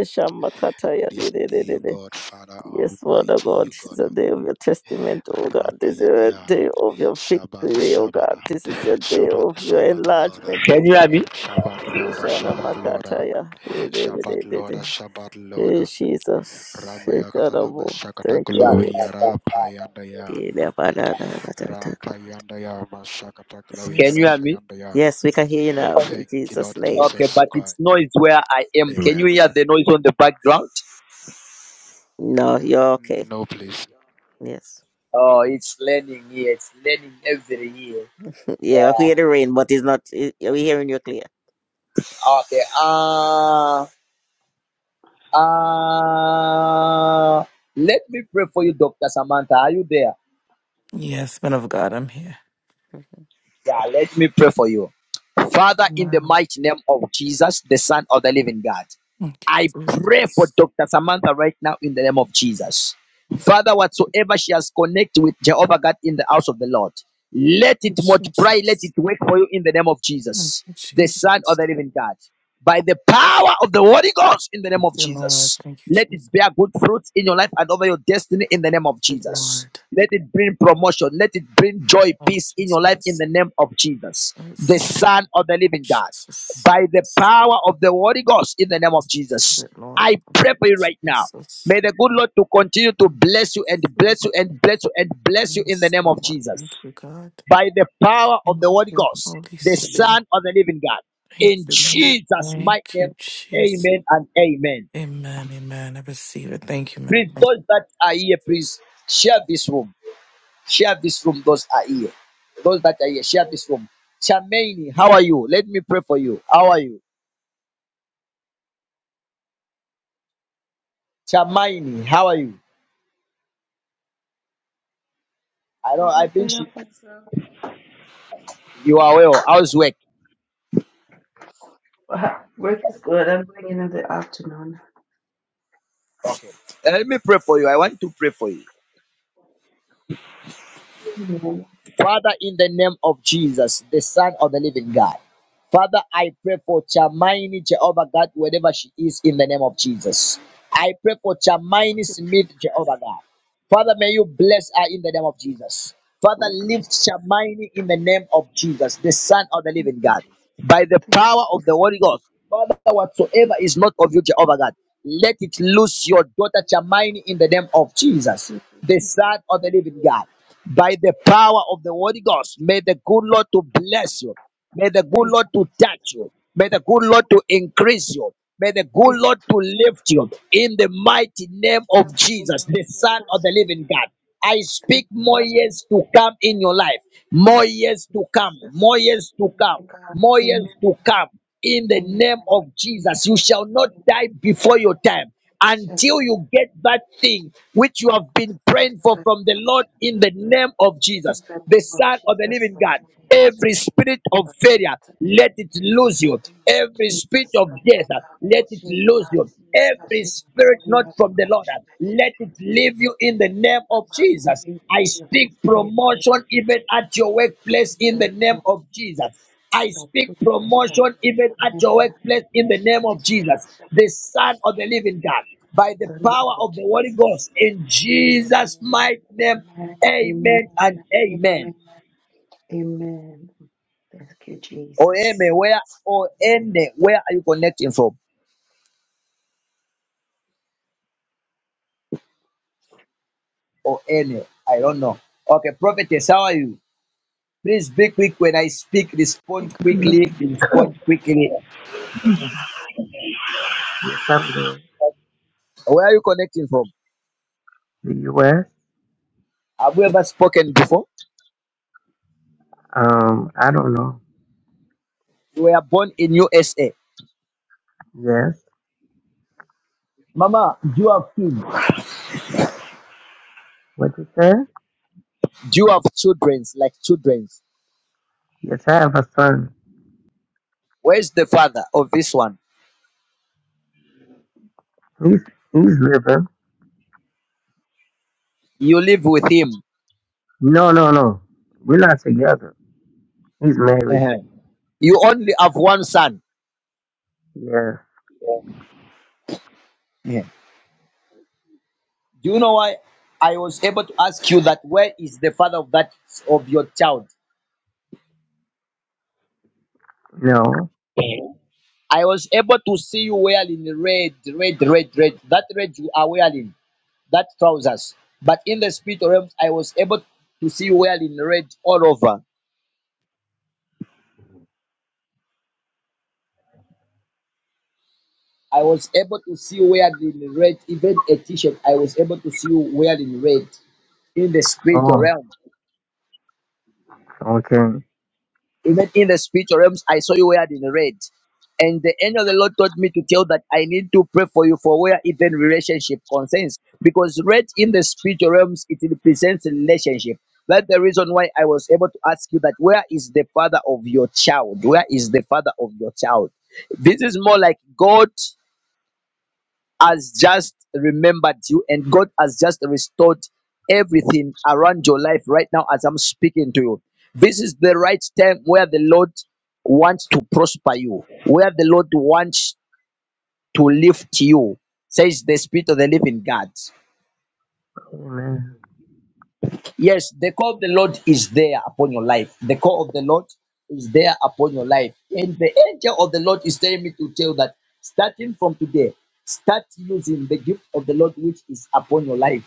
G: On this day, O
D: Shamakataya.
G: God, Father
D: Yes, Father
G: Almighty,
D: God,
G: O
D: this is
G: God.
D: a day of your testament, oh God. This is a
G: Rapayandaya.
D: day of your
G: Shabbat,
D: victory, oh
G: Shabbat,
D: God. This is a day
G: Shabbat,
D: of your
G: Shabbat, Lord.
D: enlargement, oh
A: Can you hear
D: God.
A: me?
G: Shabbat, Lord,
D: Yeshana
G: Shabbat, Lord.
D: Makataya. Eh, de- de- de-
G: Shabbat,
D: de-
G: Lord,
D: de.
G: Shabbat, Lord.
D: Eh, Jesus. Eh,
G: Ramaya
D: God of
G: Katalama
D: all.
G: Shakata
D: Thank you,
A: Shut
D: Lord.
G: Gloria
A: up.
G: Rapayandaya.
D: Eh, da- ba- da- da- ba- da- da- God.
G: Rapayandaya Mashakata Gloria
A: Can
D: Yes.
A: you hear me?
G: Rapayandaya.
D: Yes, we can hear you now in
G: Thank you,
D: Jesus'
G: Lord
D: name.
A: Okay,
G: Jesus
A: but it's
G: Christ.
A: noise where I am. Can you
G: Amen.
A: hear the noise on the background?
D: No, you're okay.
G: No, please.
D: Yes.
A: Oh, it's learning here. It's learning every year.
D: Yeah, I
A: Yeah.
D: hear the rain, but it's not. it- We're hearing you clear.
A: Okay. Uh, uh, let me pray for you, Dr. Samantha. Are you there?
C: Yes, man of God, I'm here.
A: Yeah, let me pray for you. Father, in the
C: Amen.
A: mighty name of Jesus, the Son of the living God,
C: Thank
A: I
C: you,
A: pray for
C: Jesus.
A: Dr. Samantha right now in the name of Jesus.
C: Thank
A: Father, whatsoever she has connected with Jehovah God in the house of the Lord, let it
C: you,
A: multiply, let
C: Jesus.
A: it work for you in the name of
C: Thank
A: Jesus,
C: you,
A: the
C: Jesus.
A: Son of the living God. By the power of the Holy Ghost in the name
C: Thank
A: of
C: you, Lord.
A: Jesus,
C: Thank you,
A: let it
C: Jesus.
A: bear good fruits in your life and over your destiny in the name of
C: Thank you,
A: Jesus.
C: Lord.
A: Let it bring promotion. Let it bring joy,
C: Thank
A: peace
C: you,
A: in your life in
C: Jesus.
A: the name of Jesus, the
C: Yes,
A: Son of the living God.
C: Jesus.
A: By the power of the Holy Ghost in the name of Jesus.
C: Thank you, Lord.
A: I pray for you right now. May the good Lord to continue to bless you and
C: Jesus.
A: bless you and bless you and bless you in the
C: Yes,
A: name of
C: Lord.
A: Jesus.
C: Thank you, God.
A: By the power of
C: Thank
A: the Holy
C: you,
A: Ghost,
C: Holy
A: the
C: Spirit.
A: Son of the Living God.
C: Thank
A: In
C: you, Lord.
A: Jesus' mighty
C: Thank
A: name,
C: you, Jesus.
A: amen and amen.
C: Amen, amen. I receive it. Thank you, man.
A: Please, those that are here, please share this room. Share this room, those are here. Those that are here, share this room. Chamaini, how are you? Let me pray for you. How are you? Chamaini, how are you? I know I think she, you are well. How's work?
F: Wow, Work is good. I'm bringing in the afternoon.
A: Let me pray for you. I want to pray for you.
F: Amen.
A: Father, in the name of Jesus, the Son of the Living God. Father, I pray for Chamaini, Jehovah God, wherever she is, in the name of Jesus. I pray for Chamaini
F: Thank you, Jesus.
A: Smith, Jehovah God. Father, may you bless her in the name of Jesus. Father,
F: Thank you,
A: lift
F: Jesus.
A: Shamini in the name of Jesus, the Son of the
F: Thank
A: Living
F: you,
A: God,
F: Jesus.
A: by the
F: Thank you,
A: power of
F: Jesus.
A: the Holy Ghost. Father, whatsoever is not of you, Jehovah God, let it loose your daughter Shamini in the name of
F: Thank
A: Jesus,
F: you,
A: the
F: Jesus.
A: Son of the Living God, by the power of the Holy Ghost. May the good Lord to bless you. May the good
F: Thank you, Jesus. Thank
A: Lord to touch you. May the good Lord to
F: you, Jesus.
A: increase you. May the good
F: Thank
A: Lord
F: you,
A: to
F: Jesus.
A: lift you in the mighty name
F: In
A: of
F: the name
A: Jesus,
F: of
A: the Son of
F: Jesus,
A: the Living God. I
F: thank
A: speak
F: you
A: more
F: God.
A: years to come in your life, more
F: Thank
A: years
F: you
A: to come, more
F: Jesus.
A: years to
F: Thank
A: come,
F: you God.
A: more
F: Amen.
A: years to come. In
F: Amen.
A: the
F: In the
A: name
F: name of
A: of
F: Jesus,
A: Jesus, you
F: I do
A: shall not die before your time
F: this. In the name of
A: until
F: Jesus,
A: you get that thing which you have been praying for
F: I
A: from the Lord in the name of
F: do this.
A: Jesus,
F: In the
A: the
F: name of
A: Son of the
F: Jesus,
A: Living
F: I
A: God.
F: do this.
A: Every spirit of failure, let it
F: In
A: lose
F: the
A: you.
F: name
A: Every spirit of death, let it lose you. Every spirit not from the Lord, let it leave you in the name of Jesus. I
F: of
A: speak
F: Jesus, I do this.
A: promotion even at your workplace
F: In
A: in
F: the
A: the
F: name
A: name
F: of
A: of Jesus.
F: Jesus,
A: I speak
F: Kasatuliyashata,
A: promotion even at your workplace in the name of Jesus, the
F: Yemenanahashitiliyashata.
A: Son of the Living God,
F: in
A: by the
F: the name
A: power
F: of
A: of the Holy
F: Jesus.
A: Ghost in Jesus'
F: Amen,
A: mighty name.
F: amen,
A: Amen
F: amen,
A: and amen.
F: amen, amen. Thank you,
A: Or
F: Jesus.
A: amen, where or
F: Hallelujah.
A: any, where are you connecting from? Or any, I don't know. Okay, prophetess, how are you? Please be quick when I speak, respond
H: You
A: quickly,
H: know,
A: respond quickly.
H: Somewhere.
A: Where are you connecting from?
H: The US.
A: Have you ever spoken before?
H: Um, I don't know.
A: You were born in USA.
H: Yes.
A: Mama, do you have kids.
H: What you said?
A: Do You have children like children.
H: Yes, I have a son.
A: Where's the father of this one?
H: He's he's living.
A: You live with him.
H: No, no, no. We're not together. He's married.
A: Uh-huh. You only have one son.
H: Yes.
A: Yeah. Do you know why I was able to ask you that where is the father of that of your child?
H: No.
A: I was able to see you wearing red, red, red, red. That red you are wearing, that trousers. But in the spirit realm, I was able to see you wearing red all over. I was able to see you wearing red, even a t-shirt. I was able to see you wearing red. in the spiritual
H: Oh.
A: realm.
H: Okay.
A: Even in the spiritual realms, I saw you wearing red. And the angel of the Lord told me to tell that I need to pray for you for where even relationship concerns. Because red in the spiritual realms, it represents relationship. That's the reason why I was able to ask you that where is the father of your child? Where is the father of your child? This is more like God. has just remembered you and God has just restored everything around your life right now as I'm speaking to you. This is the right time where the Lord wants to prosper you, where the Lord wants to lift you, says the Spirit of the living God.
H: Amen.
A: Yes, the call of the Lord is there upon your life. The call of the Lord is there upon your life. And the angel of the Lord is telling me to tell that starting from today, start using the gift of the Lord which is upon your life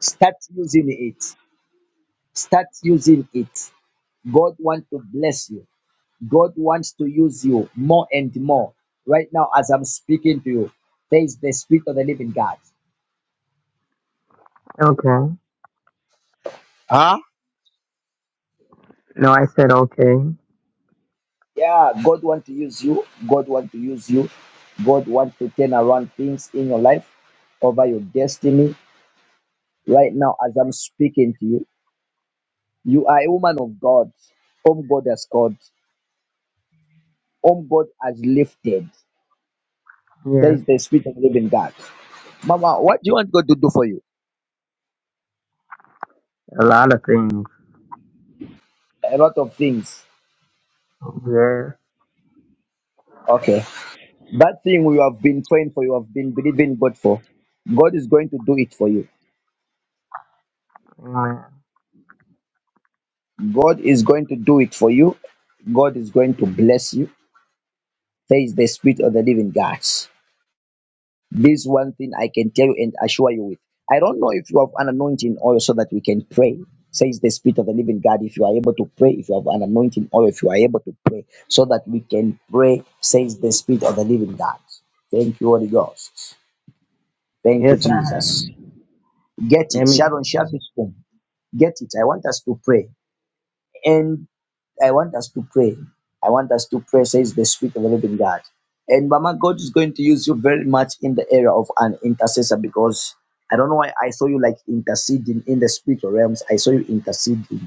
A: Start using it. Start using it. God wants to bless you. God wants to use you more and more. Right now, as I'm speaking to you, there is the spirit of the living God.
H: Okay. No, I said okay.
A: Yeah, God wants to use you. God wants to use you. God wants to turn around things in your life over your destiny. Right now, as I'm speaking to you, you are a woman of God, whom God has called, whom God has lifted. There
H: Yes.
A: is the spirit of the living God. Mama, what do you want God to do for you?
H: A lot of things.
A: A lot of things.
H: Yes.
A: Okay. That thing you have been praying for, you have been believing God for, God is going to do it for you.
H: Amen.
A: God is going to do it for you. God is going to bless you. There is the spirit of the living God. This one thing I can tell you and assure you with. I don't know if you have an anointing oil so that we can pray. Says the Spirit of the Living God, if you are able to pray, if you have an anointing oil, if you are able to pray, so that we can pray, says the Spirit of the Living God. Thank you, Holy Ghost. Thank you,
H: Yes, I have.
A: Jesus. Get
H: Let
A: it.
H: me.
A: Sharon Sharp's home. Get it. I want us to pray. and. I want us to pray. I want us to pray, says the Spirit of the Living God. And Mama, God is going to use you very much in the area of an intercessor because I don't know why I saw you like interceding in the spiritual realms. I saw you interceding.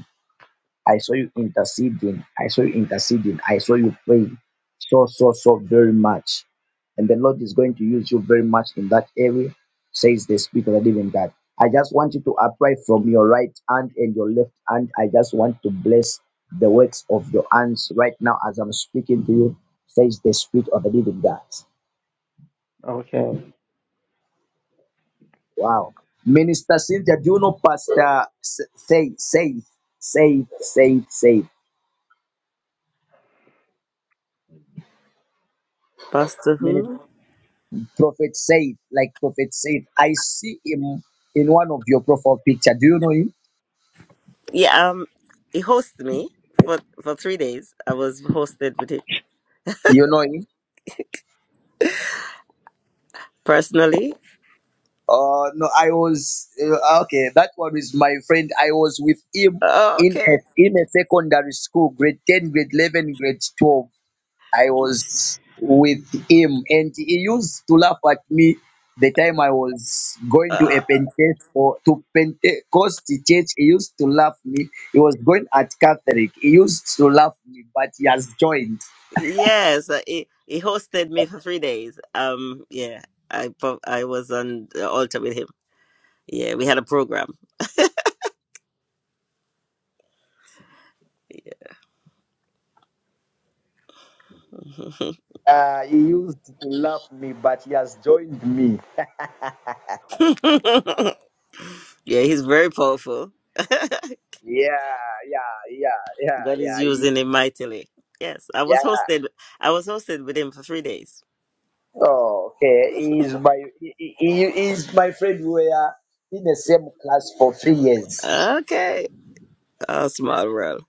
A: I saw you interceding. I saw you interceding. I saw you praying so, so, so very much. And the Lord is going to use you very much in that area, says the Spirit of the Living God. I just want you to apply from your right hand and your left hand. I just want to bless the works of your hands right now as I'm speaking to you, says the Spirit of the Living God.
H: Okay.
A: Wow. Minister Cynthia, do you know Pastor Say, Say, Say, Say, Say?
D: Pastor who?
A: Prophet Said, like Prophet Said, I see him in one of your profile picture. Do you know him?
D: Yeah, um, he hosted me for for three days. I was hosted with him
A: You know him?
D: personally.
A: Uh, no, I was uh, okay. That one is my friend. I was with him
D: Oh,
A: in
D: okay.
A: a in a secondary school, grade ten, grade eleven, grade twelve. I was with him, and he used to laugh at me the time I was going to
D: Uh,
A: a Pentecost or to Pentecost church. He used to laugh me. He was going at Catholic. He used to laugh me, but he has joined.
D: yes, uh, he he hosted me for three days. Um, yeah, I pro- I was on the altar with him. Yeah, we had a program.
A: Uh, he used to laugh me, but he has joined me.
D: yeah, he's very powerful.
A: Yeah, yeah, yeah, yeah,
D: God
A: yeah,
D: is
A: he-
D: using him mightily. Yes, I was
A: yeah.
D: hosted. I was hosted with him for three days.
A: Oh, okay. He is my he, he, he is my friend. We are in the same class for three years.
D: Okay, oh, small world.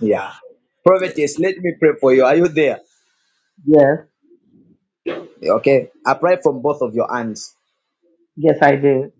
A: Yeah.
D: Yes.
A: Prophetess, let me pray for you. Are you there?
H: Yes.
A: Okay. I pray from both of your hands.
H: Yes, I did.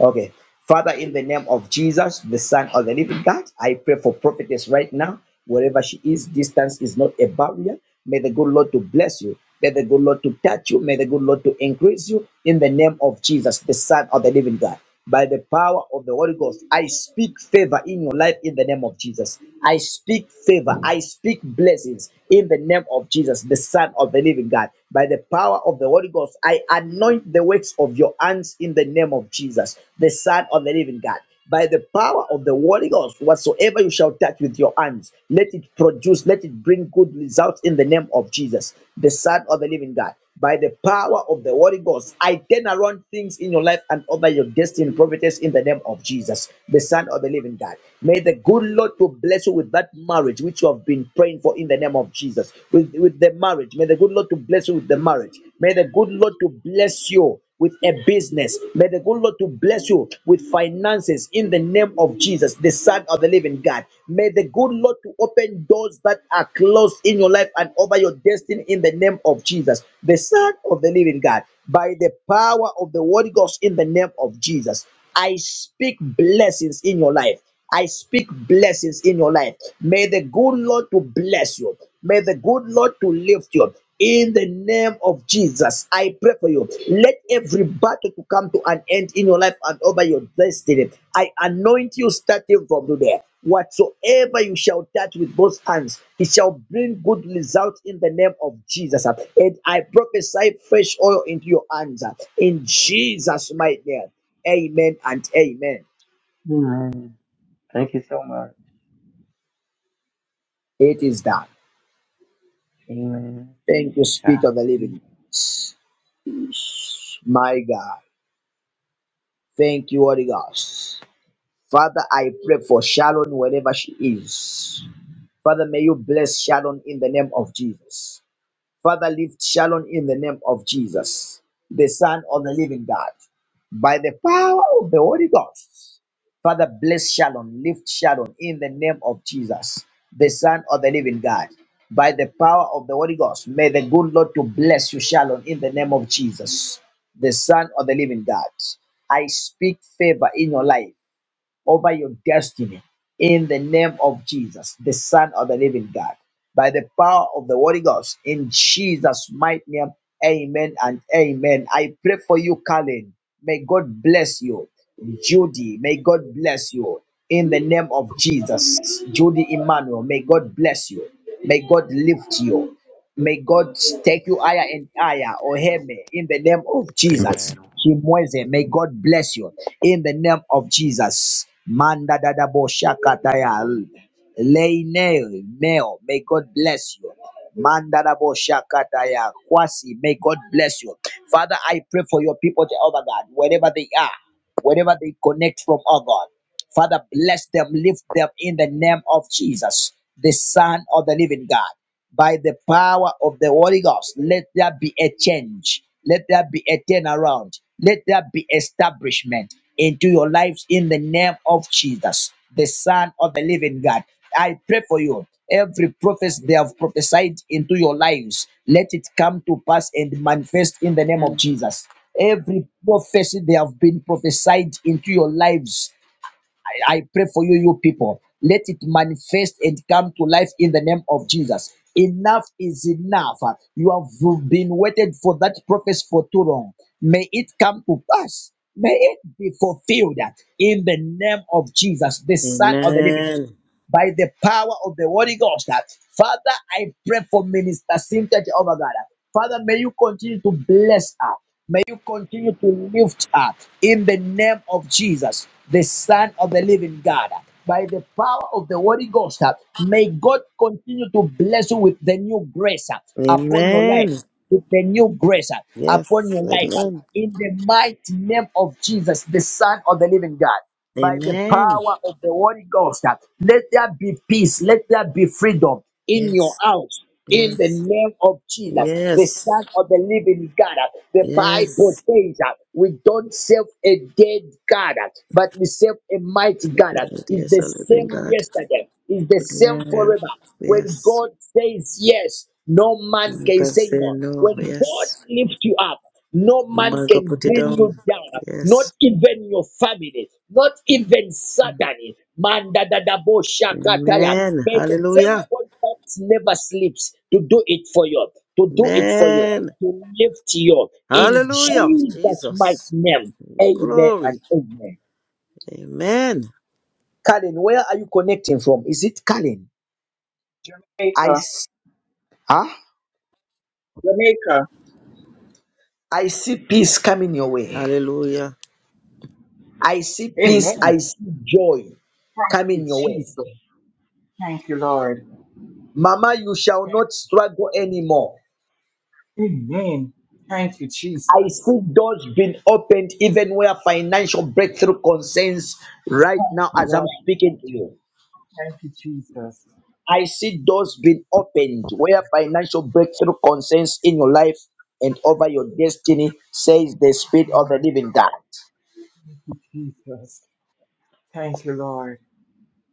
A: Okay. Father, in the name of Jesus, the Son of the Living God, I pray for prophetess right now. Wherever she is, distance is not a barrier. May the good Lord to bless you. May the good Lord to touch you. May the good Lord to increase you in the name of Jesus, the Son of the Living God. by the power of the Holy Ghost. I speak favor in your life in the name of Jesus. I speak favor. I speak blessings in the name of Jesus, the Son of the living God. By the power of the Holy Ghost, I anoint the works of your hands in the name of Jesus, the Son of the living God by the power of the Holy Ghost, whatsoever you shall touch with your hands, let it produce, let it bring good results in the name of Jesus, the Son of the Living God. By the power of the Holy Ghost, I turn around things in your life and over your destiny and providence in the name of Jesus, the Son of the Living God. May the good Lord to bless you with that marriage which you have been praying for in the name of Jesus, with, with the marriage. May the good Lord to bless you with the marriage. May the good Lord to bless you with a business. May the good Lord to bless you with finances in the name of Jesus, the Son of the Living God. May the good Lord to open doors that are closed in your life and over your destiny in the name of Jesus, the Son of the Living God. By the power of the Holy Ghost in the name of Jesus, I speak blessings in your life. I speak blessings in your life. May the good Lord to bless you. May the good Lord to lift you. In the name of Jesus, I pray for you. Let every battle to come to an end in your life and over your destiny. I anoint you starting from today. Whatsoever you shall touch with both hands, it shall bring good results in the name of Jesus. And I prophesy fresh oil into your hands. In Jesus' mighty name. Amen and amen.
H: Amen. Thank you so much.
A: It is done.
H: Amen.
A: Thank you,
H: Thank
A: Spirit of the Living. God. My God. Thank you, Holy Ghost. Father, I pray for Sharon wherever she is. Father, may you bless Sharon in the name of Jesus. Father, lift Sharon in the name of Jesus, the Son of the living God, by the power of the Holy Ghost. Father, bless Sharon, lift Sharon in the name of Jesus, the Son of the living God, by the power of the Holy Ghost. May the good Lord to bless you, Sharon, in the name of Jesus, the Son of the living God. I speak favor in your life over your destiny in the name of Jesus, the Son of the Living God, by the power of the Holy Ghost, in Jesus' mighty name. Amen and amen. I pray for you, Colin. May God bless you. Judy, may God bless you. In the name of Jesus, Judy Emmanuel, may God bless you. May God lift you. May God take you
G: Amen.
A: higher and higher, Oheme, in the name of Jesus.
G: Amen.
A: Chimweze, may God bless you in the name of Jesus. Manda dada bo shakataya. Leine, meo, may God bless you. Manda dada bo shakataya. Kwasi, may God bless you. Father, I pray for your people, Jehovah God, wherever they are, wherever they connect from, oh God. Father, bless them, lift them in the name of Jesus, the Son of the living God by the power of the Holy Ghost. Let there be a change. Let there be a turnaround. Let there be establishment into your lives in the name of Jesus, the Son of the Living God. I pray for you. Every prophecy they have prophesied into your lives, let it come to pass and manifest in the name of Jesus. Every prophecy they have been prophesied into your lives I, I pray for you, you people. Let it manifest and come to life in the name of Jesus. Enough is enough. You have been waited for that prophecy for too long. May it come to pass. May it be fulfilled in the name of Jesus, the Son of the Living
D: Amen.
A: by the power of the Holy Ghost. Father, I pray for Minister Cynthia Jehovah God. Father, may you continue to bless her. May you continue to lift her in the name of Jesus, the Son of the Living God. By the power of the Holy Ghost, may God continue to bless you with the new grace upon your
D: Amen.
A: life, with the new grace
D: Yes.
A: upon your life,
D: Amen.
A: in the mighty name of Jesus, the Son of the Living God by the
D: Amen.
A: power of the Holy Ghost. Let there be peace. Let there be freedom in your
D: Yes.
A: house. In the
D: Yes.
A: name of Jesus, the
D: Yes.
A: Son of the Living God, the Bible
D: Yes.
A: says that we don't serve a dead God, but we serve a mighty God.
D: Living with
A: It's
D: yes,
A: the
D: a living
A: same
D: God.
A: yesterday, it's the same
D: Yeah.
A: forever. When
D: Yes.
A: God says yes, no man
D: You
A: can
D: can
A: say
D: say
A: no.
D: no.
A: When God
D: Yes.
A: lifts you up, no
D: You
A: man
D: might go
A: can
D: put it
A: bring you
D: down.
A: down, not
D: Yes.
A: even your family, not even Satan. Man, da, da, da, bo, shakataya.
D: Amen.
A: May the same
D: Hallelujah.
A: God that never sleeps to do it for you, to do it for you,
D: Amen.
A: to lift you in
D: Hallelujah.
A: Jesus' mighty
D: Jesus.
A: name. Amen
D: Glory.
A: and amen.
D: Amen.
A: Colin, where are you connecting from? Is it Colin? I
I: Jamaica,
A: s- huh?
I: Jamaica.
A: I see peace coming your way.
D: Hallelujah.
A: I see
I: Amen.
A: peace.
I: Thank
A: I see joy
I: you,
A: coming your way.
I: Jesus. Thank you, Lord.
A: Mama, you shall not struggle anymore.
I: Amen. Thank you,
A: I
I: Jesus.
A: see doors being opened even where financial breakthrough concerns right
I: Thank
A: now
I: you,
A: as I'm
I: Lord.
A: speaking to you.
I: Thank you, Jesus.
A: I see doors being opened where financial breakthrough concerns in your life and over your destiny, says the Spirit of
I: Lord,
A: the Living God.
I: thank you, Jesus. Thank you, Lord.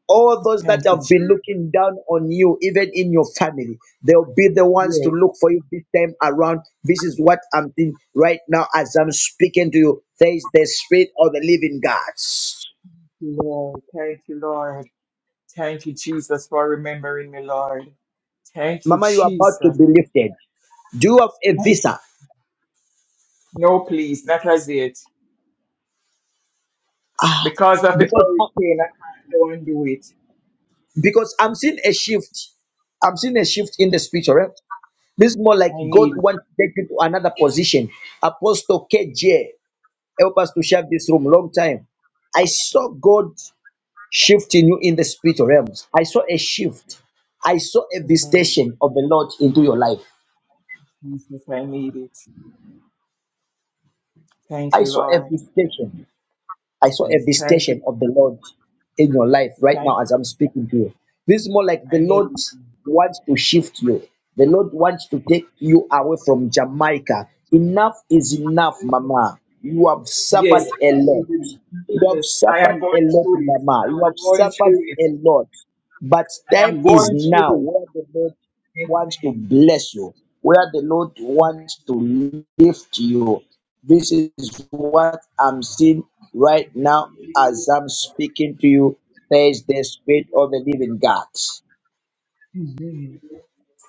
A: All those that
I: Thank you,
A: have been
I: Jesus.
A: looking down on you, even in your family, they'll be the ones
I: Yes,
A: to look for you this time around. This is what I'm doing right now as I'm speaking to you. There is the spirit of the living God.
I: Lord. Thank you, Lord. Thank you, Jesus, for remembering me, Lord. Thank you,
A: Mama, you are about to
I: Jesus.
A: be lifted. Do you have a
I: Thank you.
A: visa?
I: No, please, that was it. Because of the
A: Because
I: hurricane, I can't go and do it.
A: because I'm seeing a shift. I'm seeing a shift in the spiritual realm. This is more like
I: I
A: God
I: need.
A: wants to take you to another position. Apostle KJ, help us to share this room long time. I saw God. shifting you in the spiritual realms. I saw a shift. I saw a
I: Amen.
A: visitation of the Lord into your life.
I: Jesus, I need it. Thank
A: I
I: you,
A: saw a
I: Lord.
A: visitation. I saw a
I: Yes, thank
A: visitation
I: you.
A: of the Lord in your life
I: Yes,
A: right
I: Thank
A: now as I'm speaking to you. This is more like
I: you.
A: the
I: I need
A: Lord
I: it.
A: wants to shift you. The Lord wants to take you away from Jamaica. Enough is enough,
I: Hallelujah.
A: Mama. You have
I: Yes,
A: suffered a
I: I must be
A: lot.
I: doing it.
A: You have
I: Yes, I
A: suffered
I: am
A: a
I: going
A: lot,
I: through it.
A: Mama. You have
I: I'm going
A: suffered
I: through it.
A: a lot. But
I: I am
A: time is
I: going
A: now
I: through it.
A: where the Lord wants to
I: Amen.
A: bless you, where the Lord wants to lift you. This is what I'm seeing right now as I'm speaking to you. Says the Spirit of the Living God.
I: Amen.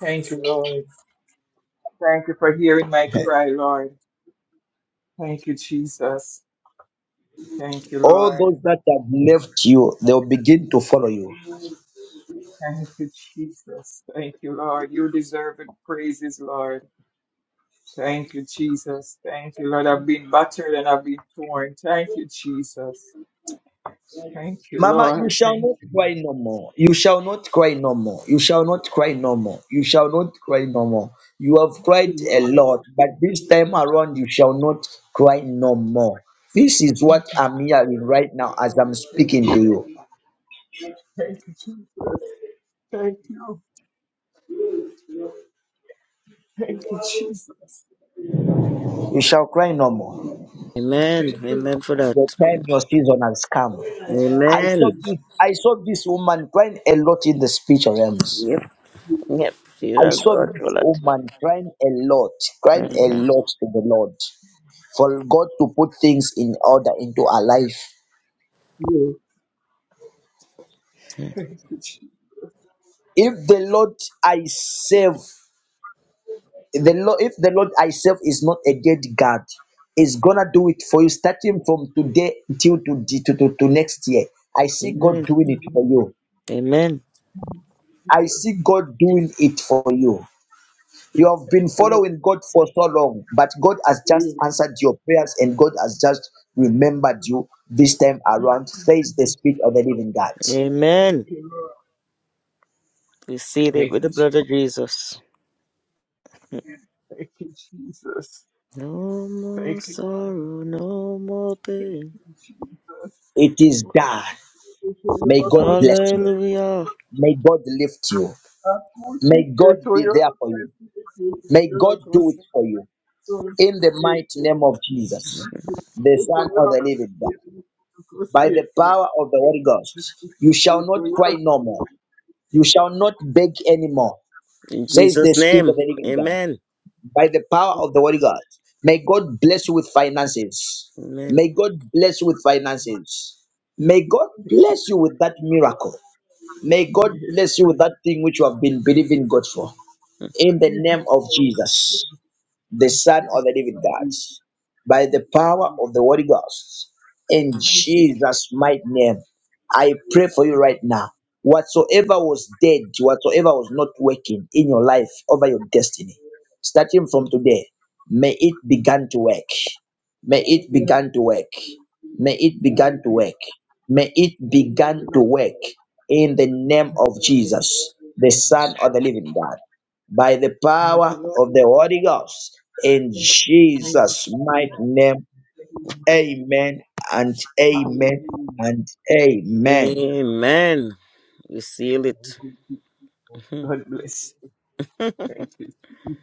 I: Thank you, Lord. Thank you for hearing my cry, Lord. Thank you, Jesus. Thank you,
A: All
I: Lord.
A: those left you, they'll begin to follow you.
I: Thank you, Jesus. Thank you, Lord. You deserve the praises, Lord. Thank you, Jesus. Thank you, Lord. I've been battered and I've been torn. Thank you, Jesus. Thank you,
A: Mama, you
I: Lord.
A: shall
I: Thank
A: not
I: you,
A: cry no more. You shall not cry no more. You shall not cry no more. You shall not cry no more. You have cried
I: Thank you,
A: a
I: Lord.
A: lot, but this time around you shall not cry no more. This is
I: Thank
A: what
I: you, Jesus.
A: I'm hearing right now as I'm speaking to you.
I: Thank you, Jesus. Thank you. Thank you, Jesus.
A: You shall cry no more.
D: Amen.
I: Thank you,
D: Amen
I: Lord.
D: for that.
A: The time your season has come. I
I: Thank
A: saw
I: you,
D: Amen.
I: Jesus.
A: this I saw this woman crying a lot in the speech realms.
D: Yep,
A: I
D: Jesus
A: saw
D: God
A: this
D: will it.
A: woman crying a lot, crying a
D: hmm
A: lot to the Lord. for God to put things in order into our life.
I: Thank you,
A: If the Lord I serve, the Lord, if the Lord I serve is not a dead God, is gonna do it for you starting from today till to, to, to, to next year. I see God
D: Amen.
A: doing it for you.
D: Amen.
A: I see God doing
I: Jesus.
A: it for you. You have been
I: Thank you, Lord. Thank you, Lord.
A: following God for so long, but God has just answered your prayers and God has just remembered you this time around. Says the Spirit of the Living God.
D: Amen. We seal it
I: Thank
D: with the
I: you, Jesus.
D: blood of Jesus.
I: Thank you, Jesus.
D: No more
I: Thank you, Lord.
D: sorrow, no more
I: Jesus. Yes, yes, I receive
D: pain.
A: It is done. May God bless you.
D: Hallelujah.
A: May God lift you. May God be there for you. May God do it for you. In the mighty name of Jesus, the Son of the Living God, by the power
I: it.
A: of the Holy Ghost, you shall not cry no more. You shall not beg anymore,
D: In
A: says the
D: Jesus'
A: Spirit
D: name.
A: of the Living God.
D: Amen.
A: By the power of the Holy Ghost, may God bless you with finances.
D: Amen.
A: May God bless you with finances. May God bless you with that miracle. May God bless you with that thing which you have been believing God for. in the name of Jesus, the Son of the living God, by the power of the Holy Ghost, in
I: Thank you,
A: Jesus' mighty name. I pray for you right now. Whatsoever was dead, whatsoever was not working in your life over your destiny, starting from today, may it begin to work. May it begin to work. May it begin
I: thank
A: to
I: you,
A: work. May it
I: thank you,
A: begin to
I: Lord.
A: work in the name of Jesus, the Son of the living God by the
I: Thank
A: power
I: you,
A: of the Holy Ghost. In
I: Lord.
A: Jesus'
I: Thank
A: mighty name,
I: you,
A: amen and
I: Hallelujah.
A: amen and amen.
D: Amen. We seal
I: Thank
D: it.
I: you, Jesus.
D: Mhm.
I: God bless you. Thank you, Jesus.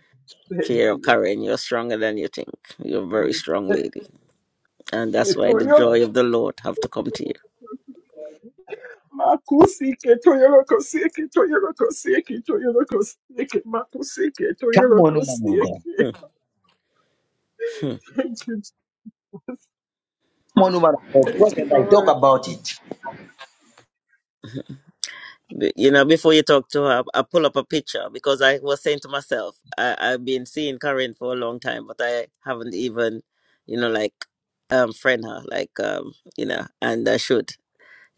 I: Thank
D: Cheer up,
I: you.
D: Karen. You're stronger than you think. You're a very strong
I: Thank
D: lady. And
I: you.
D: that's why the
I: Toyo-
D: joy of the Lord have to come to
I: Makusike, toyorokosike, toyorokosike, toyorokosike, makusike,
A: Come on, woman of
I: toyorokosike.
A: God.
D: you. Mm-hmm.
I: Thank you, Jesus.
A: Come on, woman of God.
I: Thank you,
A: Prophesy. Talk
I: Lord.
A: about it.
D: B- You know, before you talk to her, I pull up a picture because I was saying to myself, I, I've been seeing Karen for a long time, but I haven't even, you know, like um friend her, like um, you know, and I should,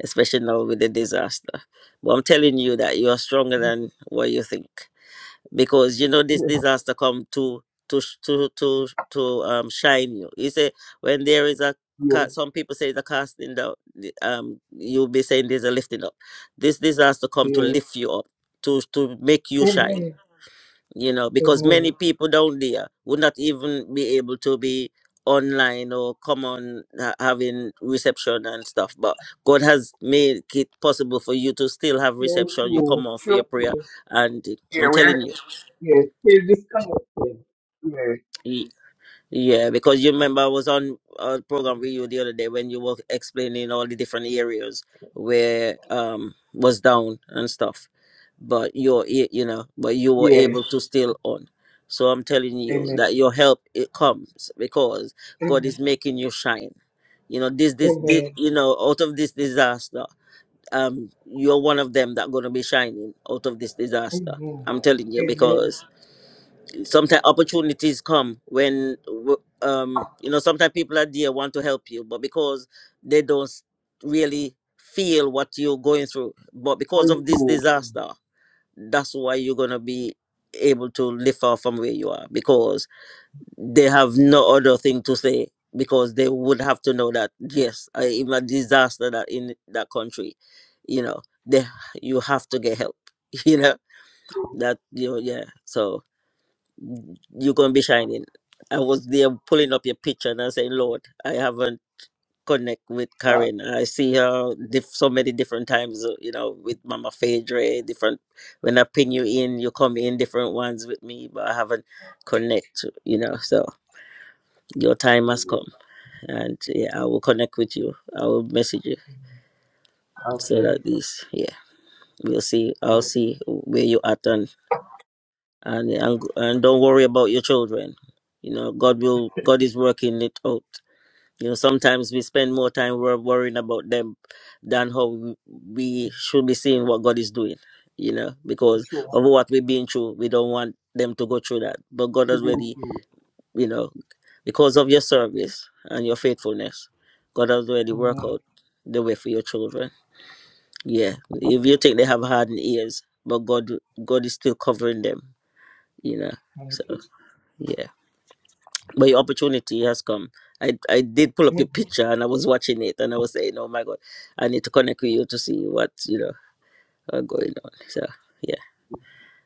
D: especially now with the disaster. But I'm telling you that you are stronger than what you think because you know this
I: Yes,
D: disaster come to to sh- to to to um shine you. You say when there is a
I: yes,
D: ca- some people say the casting down, the- um, you'll be saying there's a lifting up. This disaster come to
I: yes.
D: lift you up, to to make you shine.
I: Amen.
D: You know, because many
I: Amen.
D: people down there would not even be able to be online or come on ha- having reception and stuff. But God has made it possible for you to still have
I: Thank
D: reception. You
I: you.
D: come on for your
I: Thank
D: prayer,
I: you.
D: and
I: Yeah,
D: I'm telling
I: we're,
D: you.
I: yes, we're this kind of thing. Yes,
D: Yeah, because you remember I was on a program with you the other day when you were explaining all the different areas where um was down and stuff. But you're a- you know, but you were
I: yes.
D: able to still on. So I'm telling you
I: Amen.
D: that your help it comes because God
I: Amen.
D: is making you shine. You know this this this
I: Amen.
D: you know out of this disaster, um, you're one of them that gonna be shining out of this disaster.
I: Amen.
D: I'm telling you
I: Amen.
D: sometimes opportunities come when w- um you know sometimes people are there want to help you but because they don't s- really feel what you're going through but because of this
I: Mindful.
D: disaster that's why you're going to be able to lift off from where you are because they have no other thing to say because they would have to know that yes uh, even a disaster that in that country you know they you have to get help you know that you know, yeah so you're gonna be shining. I was there pulling up your picture and I saying, Lord, I haven't connect with
I: Right?
D: Karen. I see her diff- so many different times, uh, you know, with Mama Phaedra, different. When I pin you in, you come in different ones with me, but I haven't connect. You know, so your time has come, and yeah, I will connect with you. I will message you so
I: Okay.
D: that this, yeah, we'll see. I'll
I: Okay.
D: see where you at and and and don't worry about your children. You know, God will God is working it out. You know, sometimes we spend more time wor- worrying about them than how we we should be seeing what God is doing. You know, because
I: Sure.
D: of what we've been through, we don't want them to go through that. But God
I: We
D: has
I: go
D: already,
I: to
D: you know, because of your service and your faithfulness, God has already worked
I: Amen.
D: out the way for your children. Yeah, if you think they have hardened ears, but God, God is still covering them. You know,
I: Thank
D: so
I: you.
D: yeah. but your opportunity has come. I, I did pull up your
I: Thank
D: picture and I was watching it and I was saying, oh my God, I need to connect with you to see what, you know, are going on. So, yeah,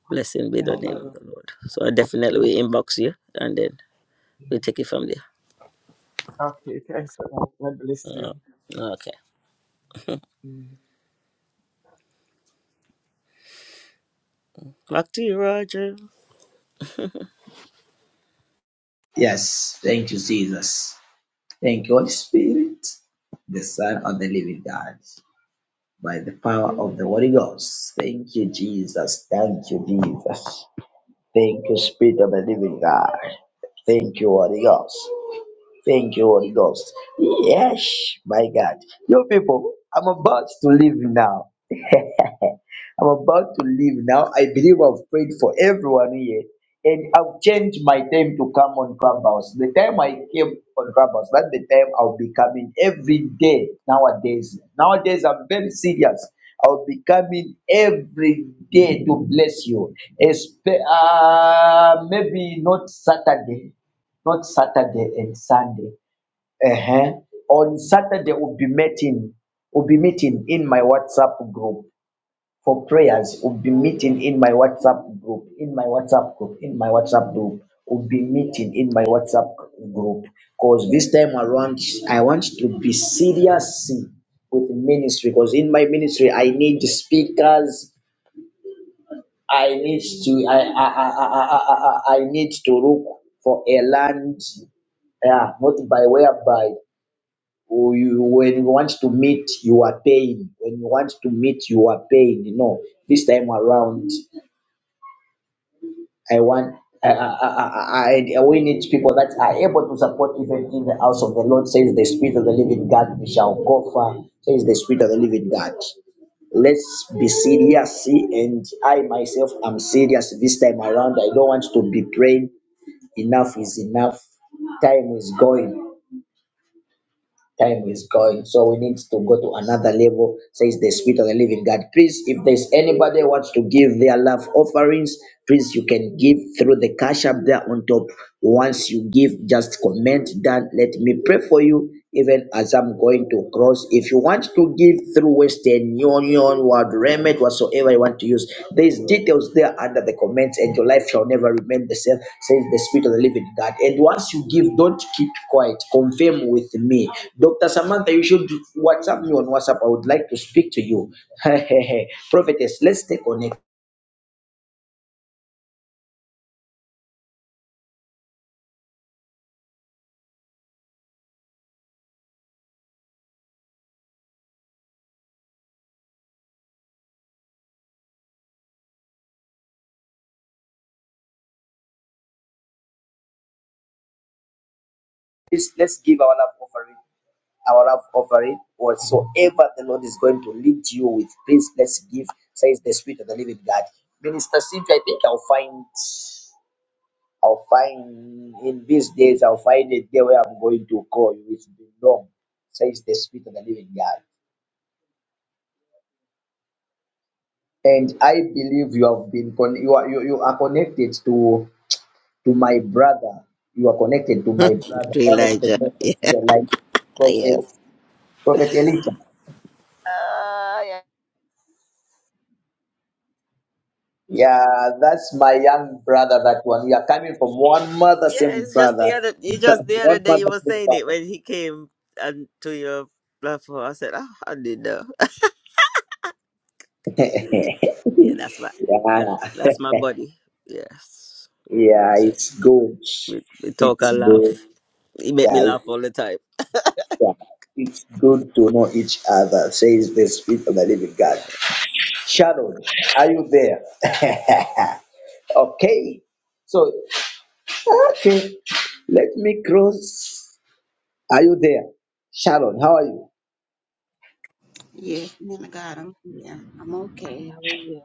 D: blessing be
I: you.
D: the name of the Lord. So, I
I: Thank
D: definitely
I: you.
D: will inbox you and then we'll take it from there.
I: Okay. Thanks. God bless
D: Uh,
I: you.
D: okay. Back to you, Roger.
A: Yes. Thank you, Jesus. Thank you, Holy Spirit, the Son of the living God, by the power of the Holy Ghost. Thank you, Jesus. Thank you, Jesus. Thank you, Spirit of the living God. Thank you, Holy Ghost. Thank you, Holy Ghost. Yes, my God. You people, I'm about to leave now. I'm about to leave now. I believe I've prayed for everyone here. And I've changed my time to come on Clubhouse. The time I came on Clubhouse, that's the time I'll be coming every day nowadays. Nowadays, I'm very serious. I'll be coming every day to bless you. Espe- uh, maybe not Saturday, not Saturday and Sunday. Uh-huh. On Saturday, we'll be meeting. We'll be meeting in my WhatsApp group for prayers. We'll be meeting in my WhatsApp group. In my WhatsApp group. In my WhatsApp group. We'll be meeting in my WhatsApp group. Cause this time around, I want to be serious with ministry. Cause in my ministry, I need speakers. I need to. I I I I I, I I- need to look for a land. Yeah, not by whereby. Who you- When you want to meet you are paying. when you want to meet you are paying. you know, this time around, I want, I, I, I, I- we need people that are able to support even in the house of the Lord, says the Spirit of the living God, we shall go far, says the Spirit of the living God let's be serious see, and i myself am serious this time around i don't want to be praying enough is enough time is going Time is going, so we need to go to another level, says the Spirit of the Living God. Please, if there's anybody who wants to give their love offerings, please you can give through the cash up there on top. Once you give, just comment that. Let me pray for you, even as I'm going to cross. If you want to give through Western the union word remit whatsoever you want to use there's details there under the comments and your life shall never remain the same says the spirit of the living god and once you give don't keep quiet confirm with me dr samantha you should whatsapp me on whatsapp i would like to speak to you prophetess let's stay connected let's, let's give our love offering our love offering whatsoever the lord is going to lead you with please let's give says the spirit of the living god minister cynthia i think i'll find I'll find in these days, I'll find a day where I'm going to call you. with the norm, says the Spirit of the Living God. And I believe you have been con- you are you, you are connected to to my brother. You are connected to my brother,
D: To
A: one of the
D: Elijah.
A: prophets in the life,
D: Yeah, yes.
A: prophet prophet Elisha.
D: Ah, yeah.
A: Yeah, that's my young brother. That one. We are coming from one mother,
D: yeah,
A: same
D: it's just the
A: brother.
D: other, it's
A: That
D: just the other
A: one
D: day
A: mother,
D: you were
A: same
D: saying it
A: father.
D: when he came and to your platform. I said, oh, I did know. Yeah, that's my that,
A: Yeah,
D: that's my buddy. Yes.
A: yeah,
D: Yeah.
A: it's good.
D: We, we talk
A: It's
D: and laugh.
A: good.
D: He make me
A: Yeah.
D: laugh all the time.
A: Yeah. It's good to know each other, says the Spirit of the Living
D: Yeah.
A: God. Sharon, are you there? okay. So, okay. Let me cross. Are you there? Sharon, how are you?
J: Yes, man of God, I'm here. I'm okay. How are you?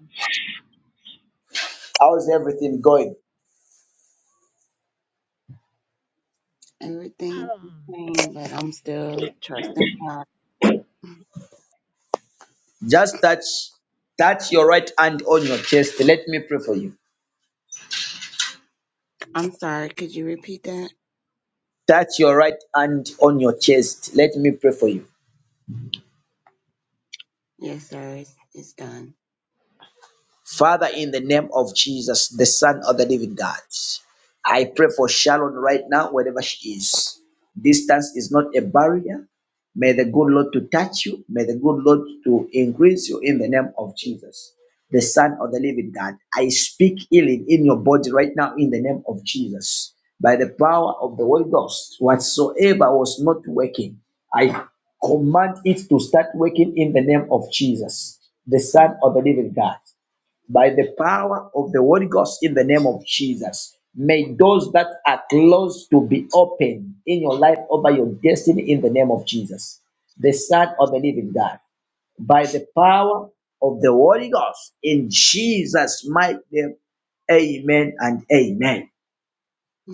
A: How's everything going?
J: Everything's
K: Um,
J: the same, but I'm still trusting God.
A: Just touch, touch your right hand on your chest. Let me pray for you.
J: I'm sorry, could you repeat that?
A: Touch your right hand on your chest. Let me pray for you.
J: Yes, sir, it's, it's done.
A: Father, in the name of Jesus, the Son of the Living God, I pray for Sharon right now, wherever she is. Distance is not a barrier. May the good Lord to touch you. May the good Lord to increase you in the name of Jesus, the Son of the Living God. I speak healing in your body right now in the name of Jesus. By the power of the Holy Ghost, whatsoever was not working, I command it to start working in the name of Jesus, the
J: In
A: Son of the Living God by the power of the Holy Ghost in the name of Jesus. May those that are closed to be open in your life over your destiny in the name of Jesus, the Son of the Living God, by the power of the Holy Ghost in Jesus' mighty name. Amen and amen.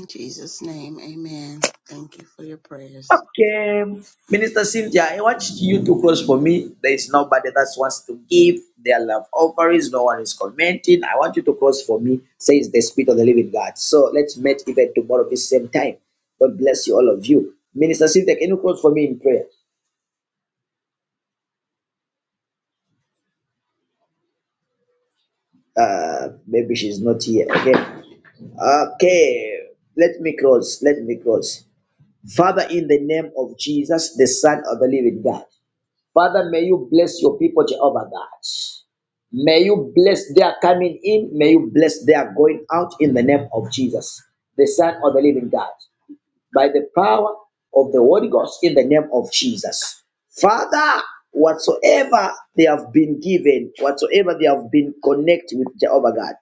J: Jesus' name, amen. Thank you for your prayers.
A: Okay, Minister Cynthia, I want you to close for me. There is nobody that wants to give their love offerings. No one is commenting. I want you to close for me, says the Spirit of the Living God. So let's meet even tomorrow this same time. God bless you, all of you. Minister Cynthia, can you close for me in prayer? Uh, maybe she's not here. Okay. Okay. Let me close. Let me close. Father, in the name of Jesus, the Son of the Living God. Father, may you bless your people, Jehovah God. May you bless their coming in. May you bless their going out in the name of Jesus, the Son of the living God, by the power of the Holy Ghost in the name of Jesus. Father, whatsoever they have been given, whatsoever they have been connected with Jehovah God,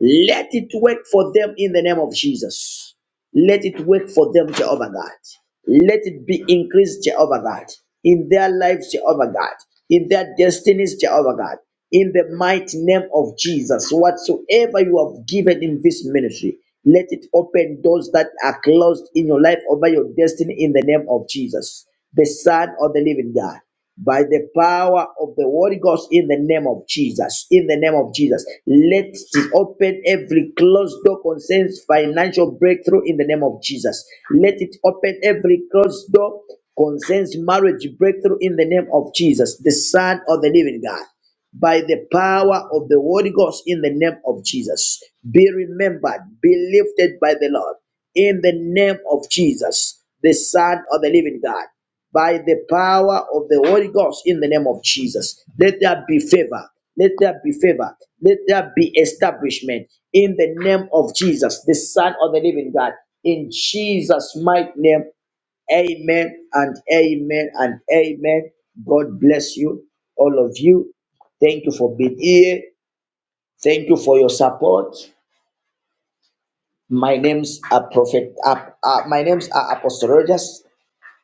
A: let it work for them in the name of Jesus. Let it work for them, Jehovah God. Let it be increased, Jehovah God, in their lives, Jehovah God, in their destinies, Jehovah God. In the mighty name of Jesus, whatsoever you have given in this ministry, let it open doors that are closed in your life over your destiny in the name of Jesus, the Son of the living God by the power of the Holy Ghost in the name of Jesus. In the name of Jesus, let it open every closed door concerns financial breakthrough in the name of Jesus. Let it open every closed door concerns marriage breakthrough in the name of Jesus, the Son of the Living God by the power of the Holy Ghost in the name of Jesus. Be remembered, be lifted by the Lord in the name of Jesus, the Son of the living God, by the power of the Holy Ghost in the name of Jesus. Let there be favor. Let there be favor. Let there be establishment in the name of Jesus, the Son of the living God. In Jesus' mighty name, Amen and amen and amen. God bless you, all of you. Thank you for being here. Thank you for your support. My name's a prophet. Uh, uh, my name's uh, Apostle Rogers.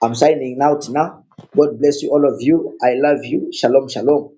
A: I'm signing out now. God bless you, all of you. I love you. Shalom, shalom.